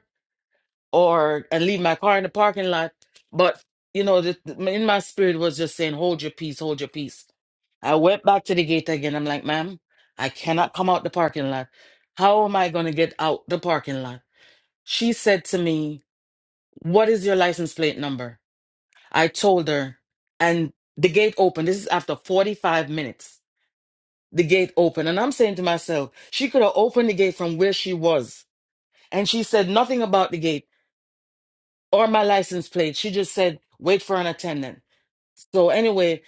or and leave my car in the parking lot. But you know, the, the- in my spirit was just saying, "Hold your peace, hold your peace." I went back to the gate again. I'm like, "Ma'am, I cannot come out the parking lot. How am I going to get out the parking lot?" She said to me, "What is your license plate number?" I told her, and the gate opened. This is after 45 minutes. The gate opened, and I'm saying to myself, she could have opened the gate from where she was. And she said nothing about the gate. or my license plate. She just said, wait for an attendant. So anyway,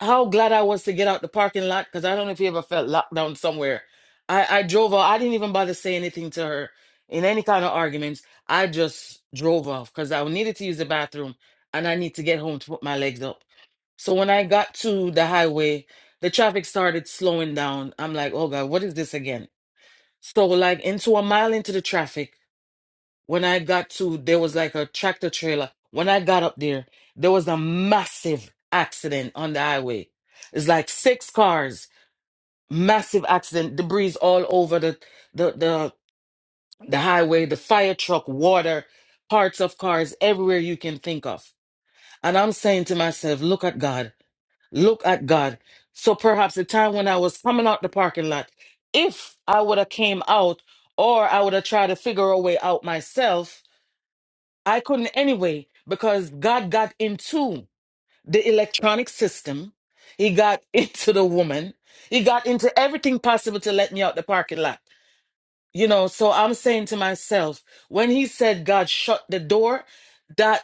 how glad I was to get out the parking lot because I don't know if you ever felt locked down somewhere. I, I drove off. I didn't even bother say anything to her in any kind of arguments. I just drove off because I needed to use the bathroom and I need to get home to put my legs up. So when I got to the highway, the traffic started slowing down. I'm like, oh God, what is this again? So like into a mile into the traffic, when I got to, there was like a tractor trailer. When I got up there, there was a massive accident on the highway. It's like six cars, massive accident, debris all over the the the, the highway, the fire truck, water, parts of cars, everywhere you can think of. And I'm saying to myself, look at God, look at God. So perhaps the time when I was coming out the parking lot, if I would have came out or I would have tried to figure a way out myself, I couldn't anyway because God got into the electronic system. He got into the woman. He got into everything possible to let me out the parking lot. You know, so I'm saying to myself, when he said God shut the door, that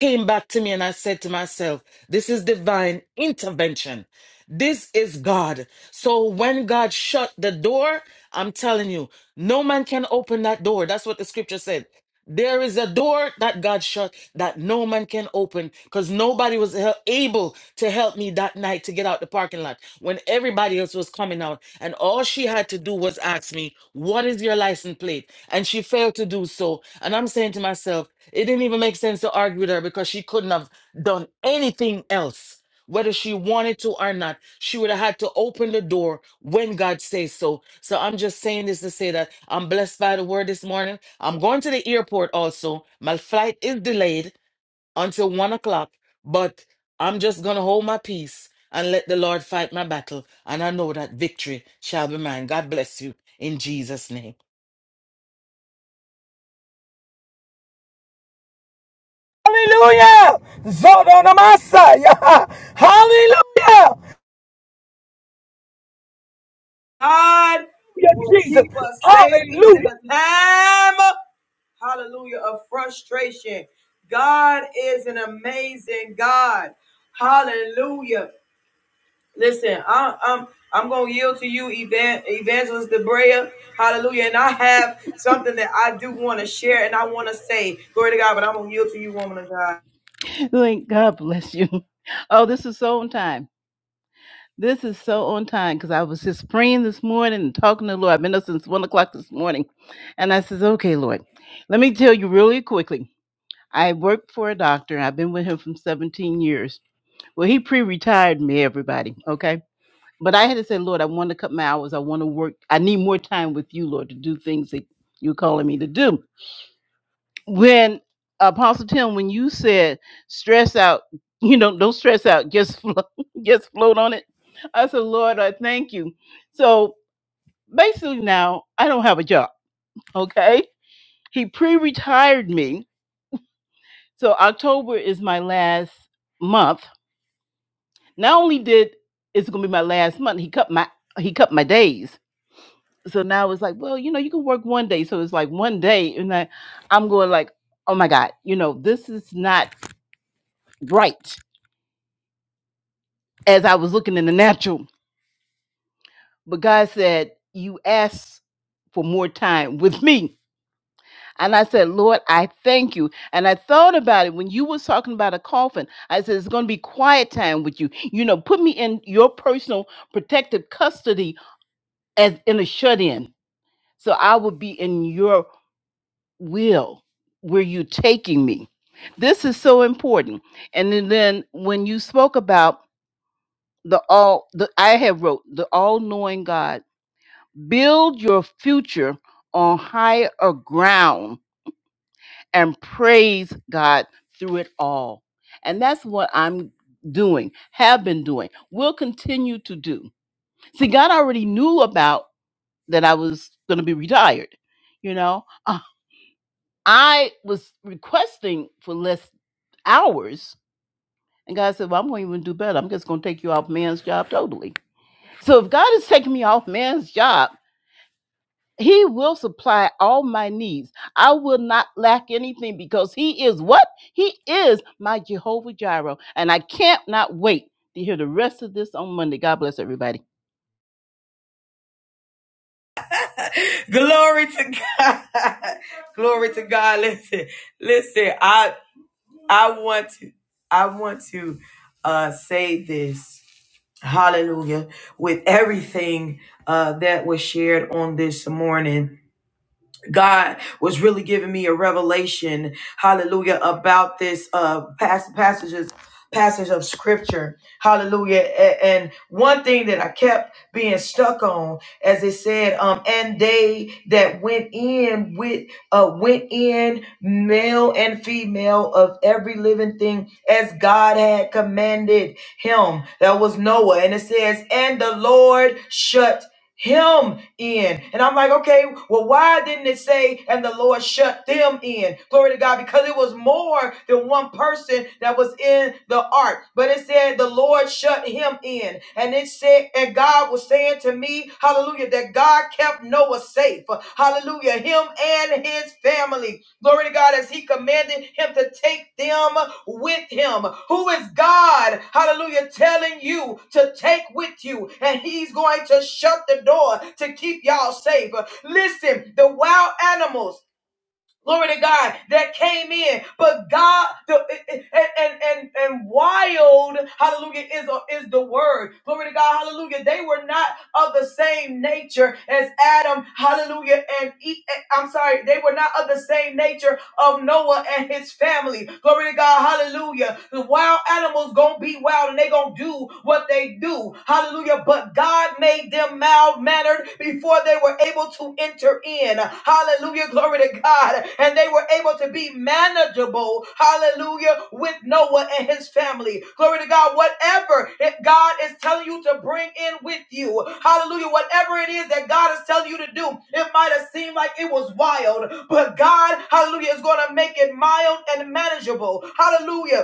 came back to me and I said to myself, this is divine intervention. This is God. So when God shut the door, I'm telling you, no man can open that door. That's what the scripture said. There is a door that God shut that no man can open because nobody was hel- able to help me that night to get out the parking lot when everybody else was coming out. And all she had to do was ask me, What is your license plate? And she failed to do so. And I'm saying to myself, it didn't even make sense to argue with her because she couldn't have done anything else, whether she wanted to or not. She would have had to open the door when God says so. So I'm just saying this to say that I'm blessed by the word this morning. I'm going to the airport also. My flight is delayed until one o'clock, but I'm just going to hold my peace and let the Lord fight my battle. And I know that victory shall be mine. God bless you in Jesus' name.
Hallelujah. Zodonamasaya. Hallelujah.
God will
Hallelujah, Jesus.
keep us safe even in
Hallelujah.
the time, hallelujah, of frustration. God is an amazing God. Hallelujah. Listen, I, am I'm I'm gonna yield to you, Evangelist Debrea. Hallelujah. And I have something that I do want to share and I want to say. Glory to God, but I'm gonna yield to you, woman of God.
Thank God bless you. Oh, this is so on time. This is so on time because I was just praying this morning and talking to the Lord. I've been up since one o'clock this morning. And I says, Okay, Lord, let me tell you really quickly. I worked for a doctor. I've been with him for 17 years. Well, he pre retired me, everybody. Okay. But I had to say, Lord, I want to cut my hours. I want to work. I need more time with you, Lord, to do things that you're calling me to do when Apostle Tim, when you said stress out, you know, don't stress out, just float, just float on it. I said, Lord, I thank you. So basically, now I don't have a job. Okay, He pre-retired me, so October is my last month. Not only did it's going to be my last month, he cut my he cut my days. So now it's like, well, you know, you can work one day. So it's like one day, and I, I'm going like, oh my God, you know, this is not right as I was looking in the natural. But God said, You asked for more time with me. And I said, Lord, I thank you. And I thought about it when you was talking about a coffin. I said, It's going to be quiet time with you. You know, put me in your personal protective custody as in a shut in. So I will be in your will where you're taking me. This is so important. And then then when you spoke about the all, the I have wrote the all knowing God Build your future on higher ground and praise God through it all. And that's what I'm doing, have been doing, will continue to do. See, God already knew about that I was going to be retired. You know, Uh, I was requesting for less hours. And God said, Well, I'm going to even do better. I'm just going to take you off man's job totally. So if God is taking me off man's job, He will supply all my needs. I will not lack anything because He is what? He is my Jehovah Jireh. And I can't not wait to hear the rest of this on Monday. God bless everybody.
Glory to God. Glory to God. Listen, listen. I. I want to, I want to uh, say this. Hallelujah. With everything uh, that was shared on this morning. God was really giving me a revelation, hallelujah, about this uh pass passages passage of scripture. Hallelujah. A- And one thing that I kept being stuck on, as it said, um, and they that went in with uh went in male and female of every living thing as God had commanded him. That was Noah. And it says, and the Lord shut him in. And I'm like, okay, well, why didn't it say, and the Lord shut them in? Glory to God, because it was more than one person that was in the ark. But it said, the Lord shut him in. And it said, and God was saying to me, hallelujah, that God kept Noah safe safe. Hallelujah. Him and his family. Glory to God as he commanded him to take them with him. Who is God, hallelujah, telling you to take with you? And he's going to shut the door to keep y'all safe. Listen, the wild animals glory to God, that came in. But God, the, and, and, and, and wild, hallelujah, is, a, is the word. Glory to God, hallelujah. They were not of the same nature as Adam, hallelujah, and E- I'm sorry, they were not of the same nature of Noah and his family. Glory to God, hallelujah. The wild animals gonna be wild and they gonna do what they do, hallelujah. But God made made them mild mannered before they were able to enter in. Hallelujah. Glory to God. And they were able to be manageable. Hallelujah. With Noah and his family. Glory to God. Whatever it, God is telling you to bring in with you. Hallelujah. Whatever it is that God is telling you to do, it might have seemed like it was wild, but God, hallelujah, is going to make it mild and manageable. Hallelujah.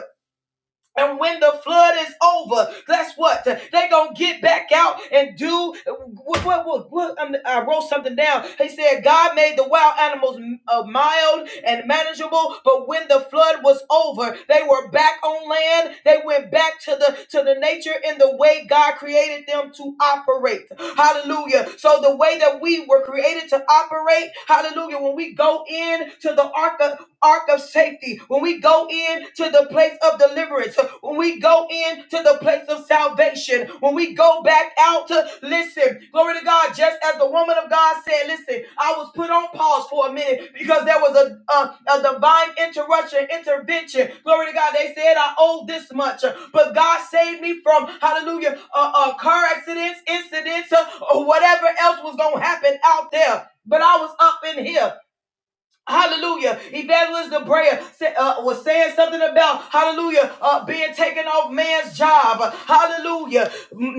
And when the flood is over, guess what? They gonna get back out and do what? What? What? what- um, I wrote something down. He said God made the wild animals uh, mild and manageable, but when the flood was over, they were back on land. They went back to the to the nature in the way God created them to operate. Hallelujah. So the way that we were created to operate, Hallelujah. When we go in to the ark of ark of safety safety, when we go in to the place of deliverance, when we go in to the place of salvation, when we go back out to listen, glory to God, just as the woman of God said, listen, I was put on pause for a minute because there was a, a, a divine interruption, intervention. Glory to God, they said I owe this much, but God saved me from, hallelujah, uh, uh, car accidents, incidents, uh, or whatever else was going to happen out there. But I was up in here. Hallelujah. Evangelist the uh, was saying something about, hallelujah, uh, being taken off man's job. Hallelujah.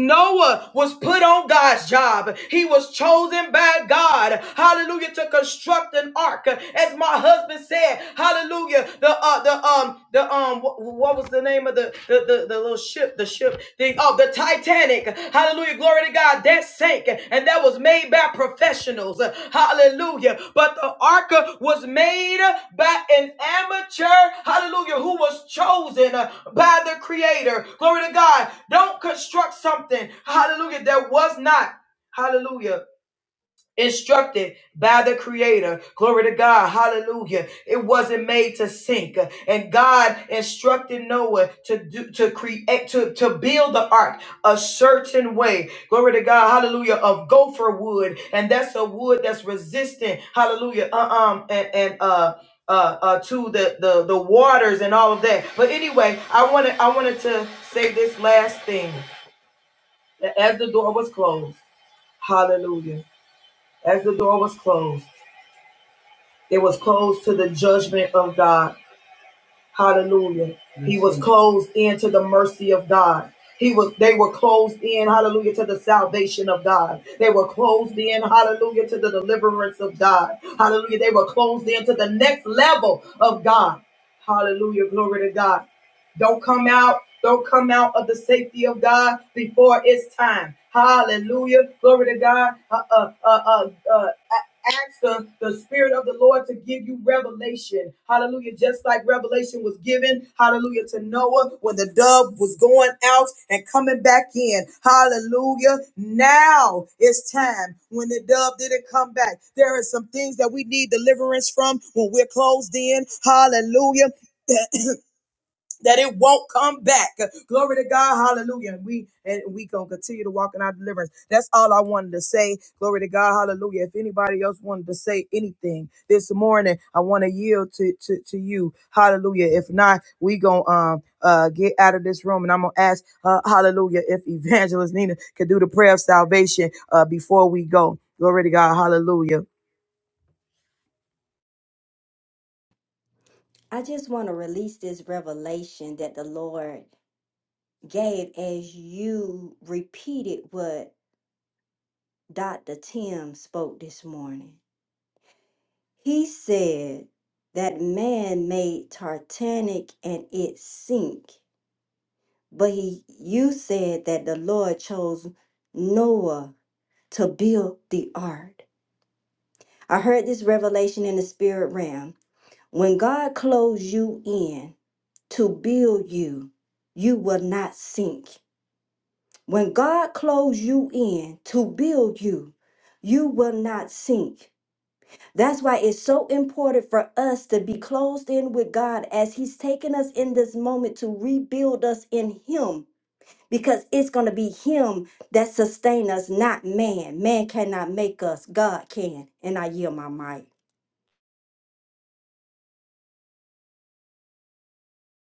Noah was put on God's job. He was chosen by God. Hallelujah. To construct an ark. As my husband said, hallelujah. The, uh, the, um, the, um, wh- what was the name of the? the, the, the, the little ship, the ship thing. Oh, the Titanic. Hallelujah. Glory to God. That sank. And that was made by professionals. Hallelujah. But the ark was made by an amateur. Hallelujah. Who was chosen by the creator. Glory to God. Don't construct something. Hallelujah. That was not. Hallelujah instructed by the creator. Glory to God. Hallelujah. It wasn't made to sink. And God instructed Noah to do, to create, to, to build the ark a certain way. Glory to God. Hallelujah. Of gopher wood. And that's a wood that's resistant. Hallelujah. Uh, um, and, and, uh, uh, uh, to the, the the waters and all of that. But anyway, I wanted I wanted to say this last thing. As the door was closed, Hallelujah. As the door was closed. It was closed to the judgment of God. Hallelujah. He was closed in to the mercy of God. He was they were closed in, hallelujah, to the salvation of God. They were closed in, hallelujah, to the deliverance of God. Hallelujah. They were closed in to the next level of God. Hallelujah. Glory to God. Don't come out. Don't come out of the safety of God before it's time. Hallelujah. Glory to God. Uh, uh, uh, uh, uh, ask the, the Spirit of the Lord to give you revelation. Hallelujah. Just like revelation was given, hallelujah, to Noah when the dove was going out and coming back in. Hallelujah. Now it's time when the dove didn't come back. There are some things that we need deliverance from when we're closed in. Hallelujah. that it won't come back. Glory to God. Hallelujah. And we and we gonna continue to walk in our deliverance. That's all I wanted to say. Glory to God. Hallelujah. If anybody else wanted to say anything this morning, I want to yield to, to to you. Hallelujah. If not, we gonna um uh get out of this room and I'm gonna ask uh, hallelujah if evangelist Nina could do the prayer of salvation uh before we go. Glory to God, hallelujah.
I just want to release this revelation that the Lord gave as you repeated what Dr. Tim spoke this morning. He said that man made Titanic and it sank, but he you said that the Lord chose Noah to build the ark. I heard this revelation in the spirit realm. When God clothes you in to build you, you will not sink. When God clothes you in to build you, you will not sink. That's why it's so important for us to be closed in with God as He's taken us in this moment to rebuild us in Him. Because it's going to be Him that sustain us, not man. Man cannot make us, God can. And I yield my mic.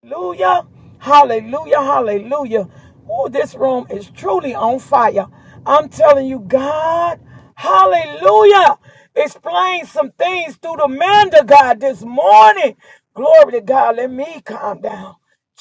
Hallelujah. Hallelujah. Hallelujah. Oh, this room is truly on fire. I'm telling you, God. Hallelujah. Explain some things through the man to God this morning. Glory to God. Let me calm down.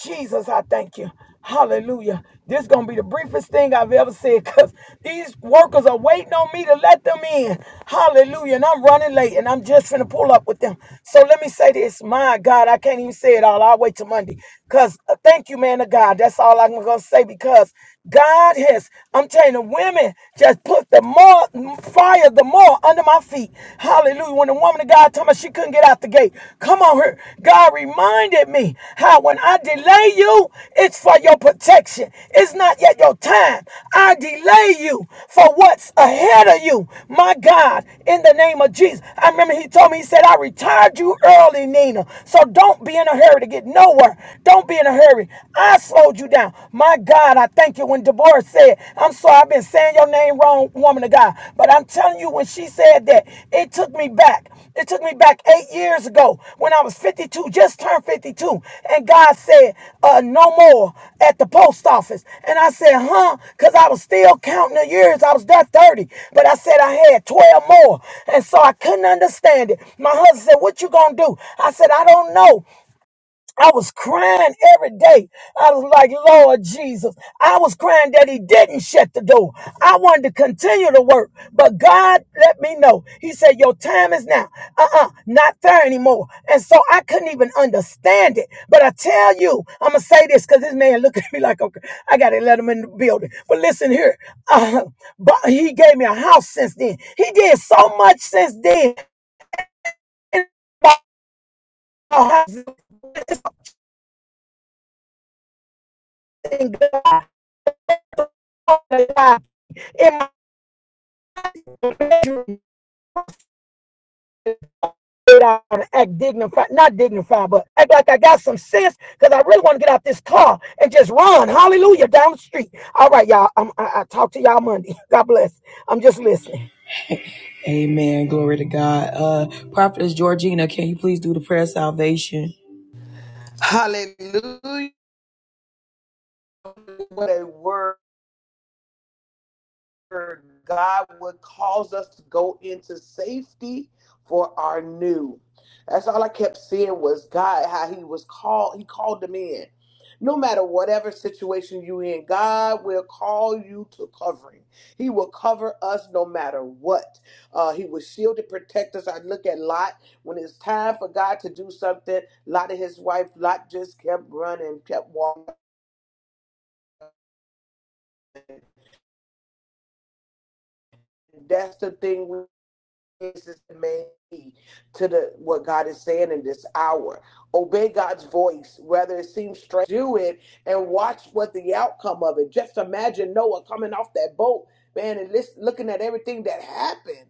Jesus, I thank you. Hallelujah. This is going to be the briefest thing I've ever said because these workers are waiting on me to let them in. Hallelujah. And I'm running late and I'm just finna pull up with them. So let me say this. My God, I can't even say it all. I'll wait till Monday. Because uh, thank you, man of God. That's all I'm going to say because God has, I'm telling you, the women just put the more fire, the more under my feet. Hallelujah. Hallelujah. When the woman of God told me she couldn't get out the gate, come on here. God reminded me how when I delay you, it's for your protection. It's not yet your time. I delay you for what's ahead of you. My God, in the name of Jesus. I remember he told me, he said, I retired you early, Nina. So don't be in a hurry to get nowhere. Don't be in a hurry. I slowed you down. My God, I thank you when Deborah word said. I'm sorry, I've been saying your name wrong, woman of God. But I'm telling you, when she said that, it took me back. It took me back eight years ago when I was 52, just turned 52. And God said, uh, no more at the post office. And I said, huh? Because I was still counting the years. I was that 30. But I said I had 12 more. And so I couldn't understand it. My husband said, what you going to do? I said, I don't know. I was crying every day. I was like, Lord Jesus. I was crying that he didn't shut the door. I wanted to continue to work, but God let me know. He said, Your time is now. Uh uh not there anymore. And so I couldn't even understand it. But I tell you, I'm going to say this because this man looked at me like, okay, I got to let him in the building. But listen here. Uh, but he gave me a house since then. He did so much since then. And it out and act dignified, not dignified, but act like I got some sense because I really want to get out this car and just run, hallelujah, down the street. All right, y'all. I'm, I, I talk to y'all Monday. God bless. I'm just listening.
Amen. Uh,
Hallelujah. What a word. God would cause us to go into safety for our new. That's all I kept seeing was God, how He was called, He called them in. No matter whatever situation you in, God will call you to covering. He will cover us no matter what. Uh, he will shield and protect us. I look at Lot when it's time for God to do something. Lot and his wife, Lot just kept running, kept walking. That's the thing we is the main key to the what God is saying in this hour. Obey God's voice, whether it seems strange. Do it and watch what the outcome of it. Just imagine Noah coming off that boat, man, and listen, looking at everything that happened.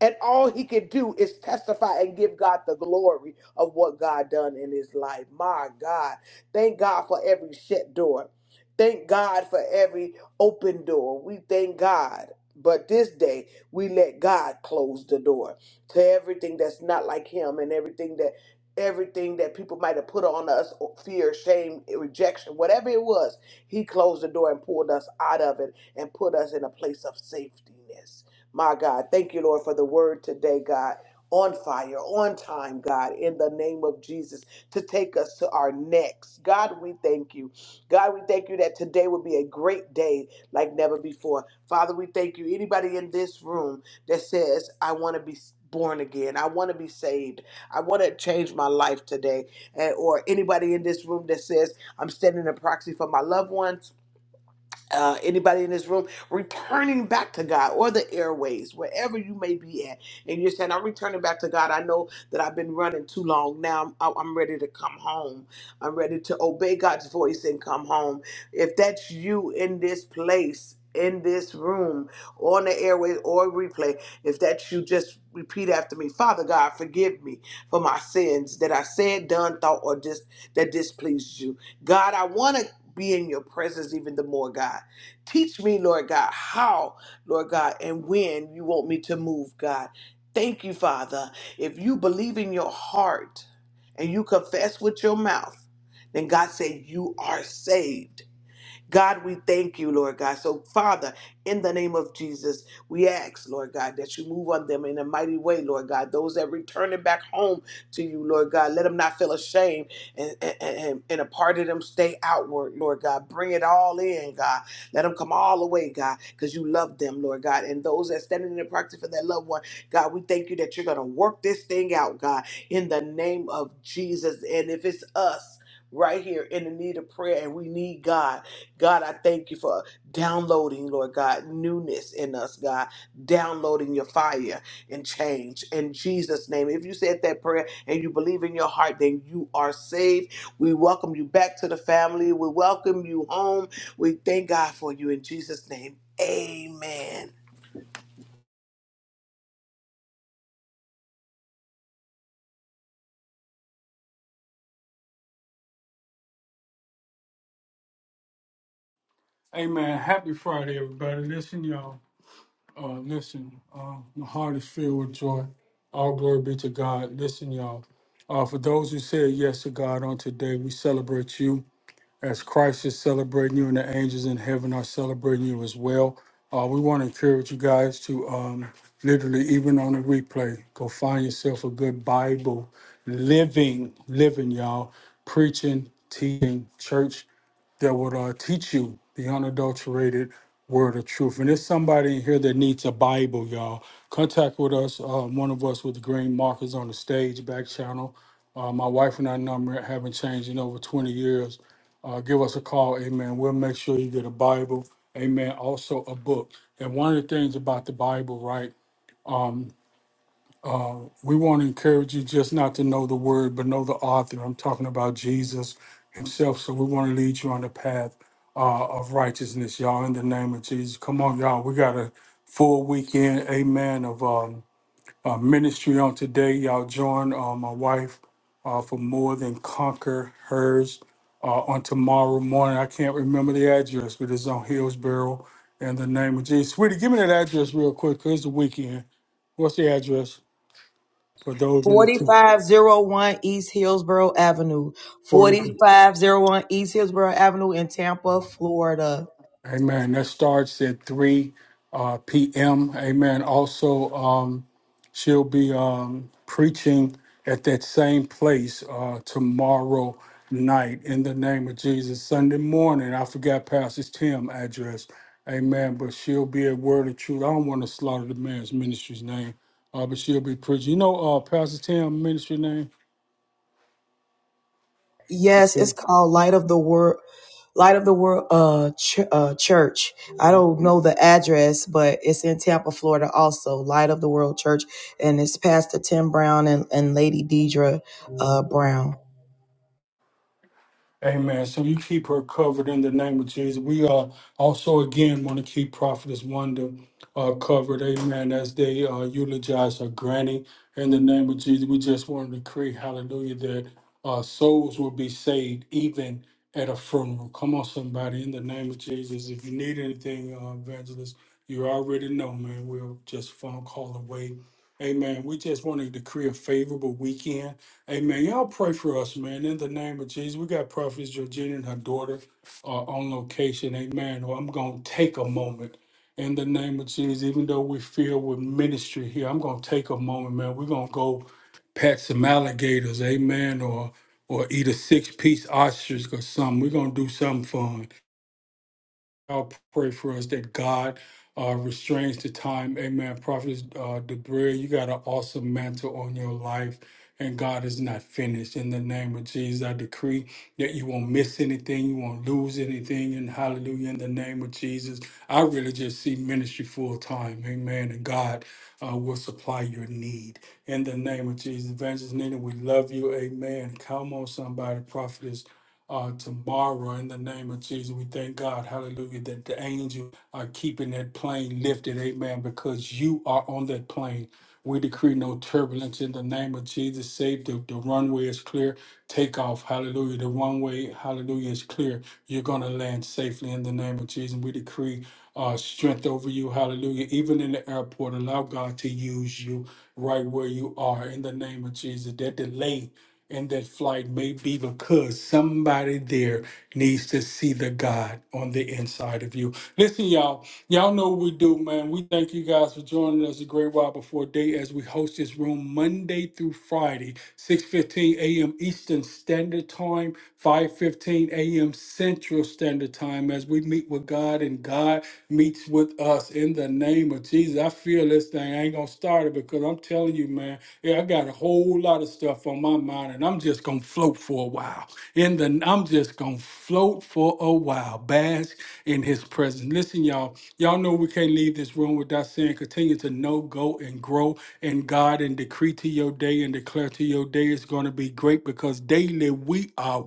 And all he could do is testify and give God the glory of what God done in his life. My God. Thank God for every shut door. Thank God for every open door. We thank God. But this day, we let God close the door to everything that's not like him and everything that everything that people might have put on us or fear shame rejection whatever it was he closed the door and pulled us out of it and put us in a place of safetyness my God, thank you, Lord, for the word today, God. On fire, on time, God, in the name of Jesus, to take us to our next. God, we thank you. God, we thank you that today will be a great day like never before. Father, we thank you. Anybody in this room that says, I want to be born again, I want to be saved, I want to change my life today, and, or anybody in this room that says, I'm standing in proxy for my loved ones, uh, anybody in this room returning back to God or the airways, wherever you may be at, and you're saying, I'm returning back to God. I know that I've been running too long. Now I'm, I- am i am ready to come home. I'm ready to obey God's voice and come home. If that's you in this place, in this room, on the airways or replay, if that's you, just repeat after me Father God, forgive me for my sins that I said, done, thought, or just that displeased you. God, I want to be in your presence even the more, God. Teach me, Lord God, how, Lord God, and when you want me to move, God. Thank you, Father. If you believe in your heart and you confess with your mouth, then God said, You are saved. God, we thank you, Lord God. So, Father, in the name of Jesus, we ask, Lord God, that you move on them in a mighty way, Lord God. Those that returning back home to you, Lord God, let them not feel ashamed and, and, and, and a part of them stay outward, Lord God. Bring it all in, God. Let them come all the way, God, because you love them, Lord God. And those that standing in the practice for that loved one, God, we thank you that you're going to work this thing out, God, in the name of Jesus. And if it's us, Right here in the need of prayer, and we need God. God, I thank you for downloading, Lord God, newness in us, God, downloading your fire and change in Jesus' name. If you said that prayer and you believe in your heart, then you are saved. We welcome you back to the family. We welcome you home. We thank God for you in Jesus' name. Amen.
Hey man, happy Friday, everybody. Listen, y'all. Uh, listen, uh, my heart is filled with joy. All glory be to God. Listen, y'all. Uh, for those who said yes to God on today, we celebrate you as Christ is celebrating you, and the angels in heaven are celebrating you as well. Uh, we want to encourage you guys to um, literally, even on the replay, go find yourself a good Bible, living, living, y'all, preaching, teaching, church that would uh, teach you the unadulterated word of truth. And there's somebody in here that needs a Bible, y'all. Contact with us, uh, one of us with the green markers on the stage, back channel. Uh, my wife and I number haven't changed in over 20 years. Uh, give us a call, amen. We'll make sure you get a Bible, amen. Also, a book. And one of the things about the Bible, right? we want to encourage you just not to know the word, but know the author. I'm talking about Jesus himself. So we want to lead you on the path uh, of righteousness, y'all, in the name of Jesus. Come on, y'all. We got a full weekend, amen, of um, uh, ministry on today. Y'all join uh, my wife uh, for More Than Conquer Hers uh, on tomorrow morning. I can't remember the address, but it's on Hillsboro in the name of Jesus. Sweetie, give me that address real quick because it's the weekend. What's the address for those in the
4501 East Hillsborough Avenue.
Order,
4501 East Hillsborough Avenue in Tampa, Florida.
amen. That starts at 3 uh, p.m. Amen. Also, um, she'll be um, preaching at that same place uh, tomorrow night in the name of Jesus. Sunday morning, I forgot Pastor Tim's address. Amen. But she'll be at Word of Truth. I don't want to slaughter the man's ministry's name, uh, but she'll be preaching. You know uh, Pastor Tim's ministry name?
Yes, it's called Light of the World. Light of the World uh, ch- uh, Church. I don't know the address, but it's in Tampa, Florida also. Light of the World Church. And it's Pastor Tim Brown and, and Lady Deidre uh, Brown.
Amen. So you keep her covered in the name of Jesus. We uh, also again want to keep Prophetess Wonder uh, covered. Amen. As they uh, eulogize her granny in the name of Jesus, we just want to decree, Hallelujah, that uh, souls will be saved even at a funeral. Come on, somebody, in the name of Jesus. If you need anything, uh, evangelist, you already know, man. We're just phone call away. Amen. We just want to decree a favorable weekend. Amen. Y'all pray for us, man. In the name of Jesus, we got Prophetess Georgina and her daughter uh, on location. Amen. Well, I'm going to take a moment in the name of Jesus, even though we are filled with ministry here, I'm going to take a moment, man. We're going to go pet some alligators. Amen. Or or eat a six piece ostrich or something. We're going to do something fun. I'll pray for us that God uh, restrains the time. Amen. Prophet uh, Debray, you got an awesome mantle on your life, and God is not finished. In the name of Jesus, I decree that you won't miss anything, you won't lose anything, and hallelujah, in the name of Jesus. I really just see ministry full time. Amen. And God uh, will supply your need. In the name of Jesus. Evangelist Nina, we love you. Amen. Come on, somebody, prophetess uh, tomorrow in the name of Jesus. We thank God, hallelujah, that the angels are keeping that plane lifted, amen, because you are on that plane. We decree no turbulence in the name of Jesus. Save the, the runway is clear. Take off. Hallelujah. The runway, hallelujah, is clear. You're going to land safely in the name of Jesus. We decree uh, strength over you. Hallelujah. Even in the airport, allow God to use you right where you are in the name of Jesus. That delay and that flight may be because somebody there needs to see the God on the inside of you. Listen, y'all, y'all know what we do, man. We thank you guys for joining us a great while before day as we host this room Monday through Friday, 6:15 a.m. Eastern Standard Time, 5:15 a.m. Central Standard Time as we meet with God and God meets with us in the name of Jesus. I feel this thing. I ain't gonna start it because I'm telling you, man, yeah, I got a whole lot of stuff on my mind, and I'm just gonna float for a while. In the I'm just gonna float for a while, bask in his presence. Listen, y'all, y'all know we can't leave this room without saying continue to know, go, and grow in God and decree to your day and declare to your day is gonna be great because daily we are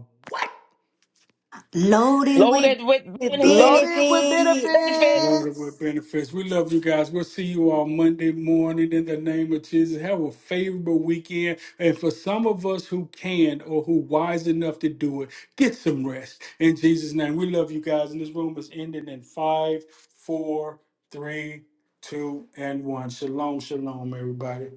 Loaded with,
Loaded with
with
benefit,
Loaded with
benefits.
benefit.
loaded with
benefits.
benefits. We love you guys. We'll see you all Monday morning in the name of Jesus. Have a favorable weekend. And for some of us who can or who wise enough to do it, get some rest. In Jesus' name, we love you guys. And this room is ending in five, four, three, two, and one. Shalom, shalom, everybody.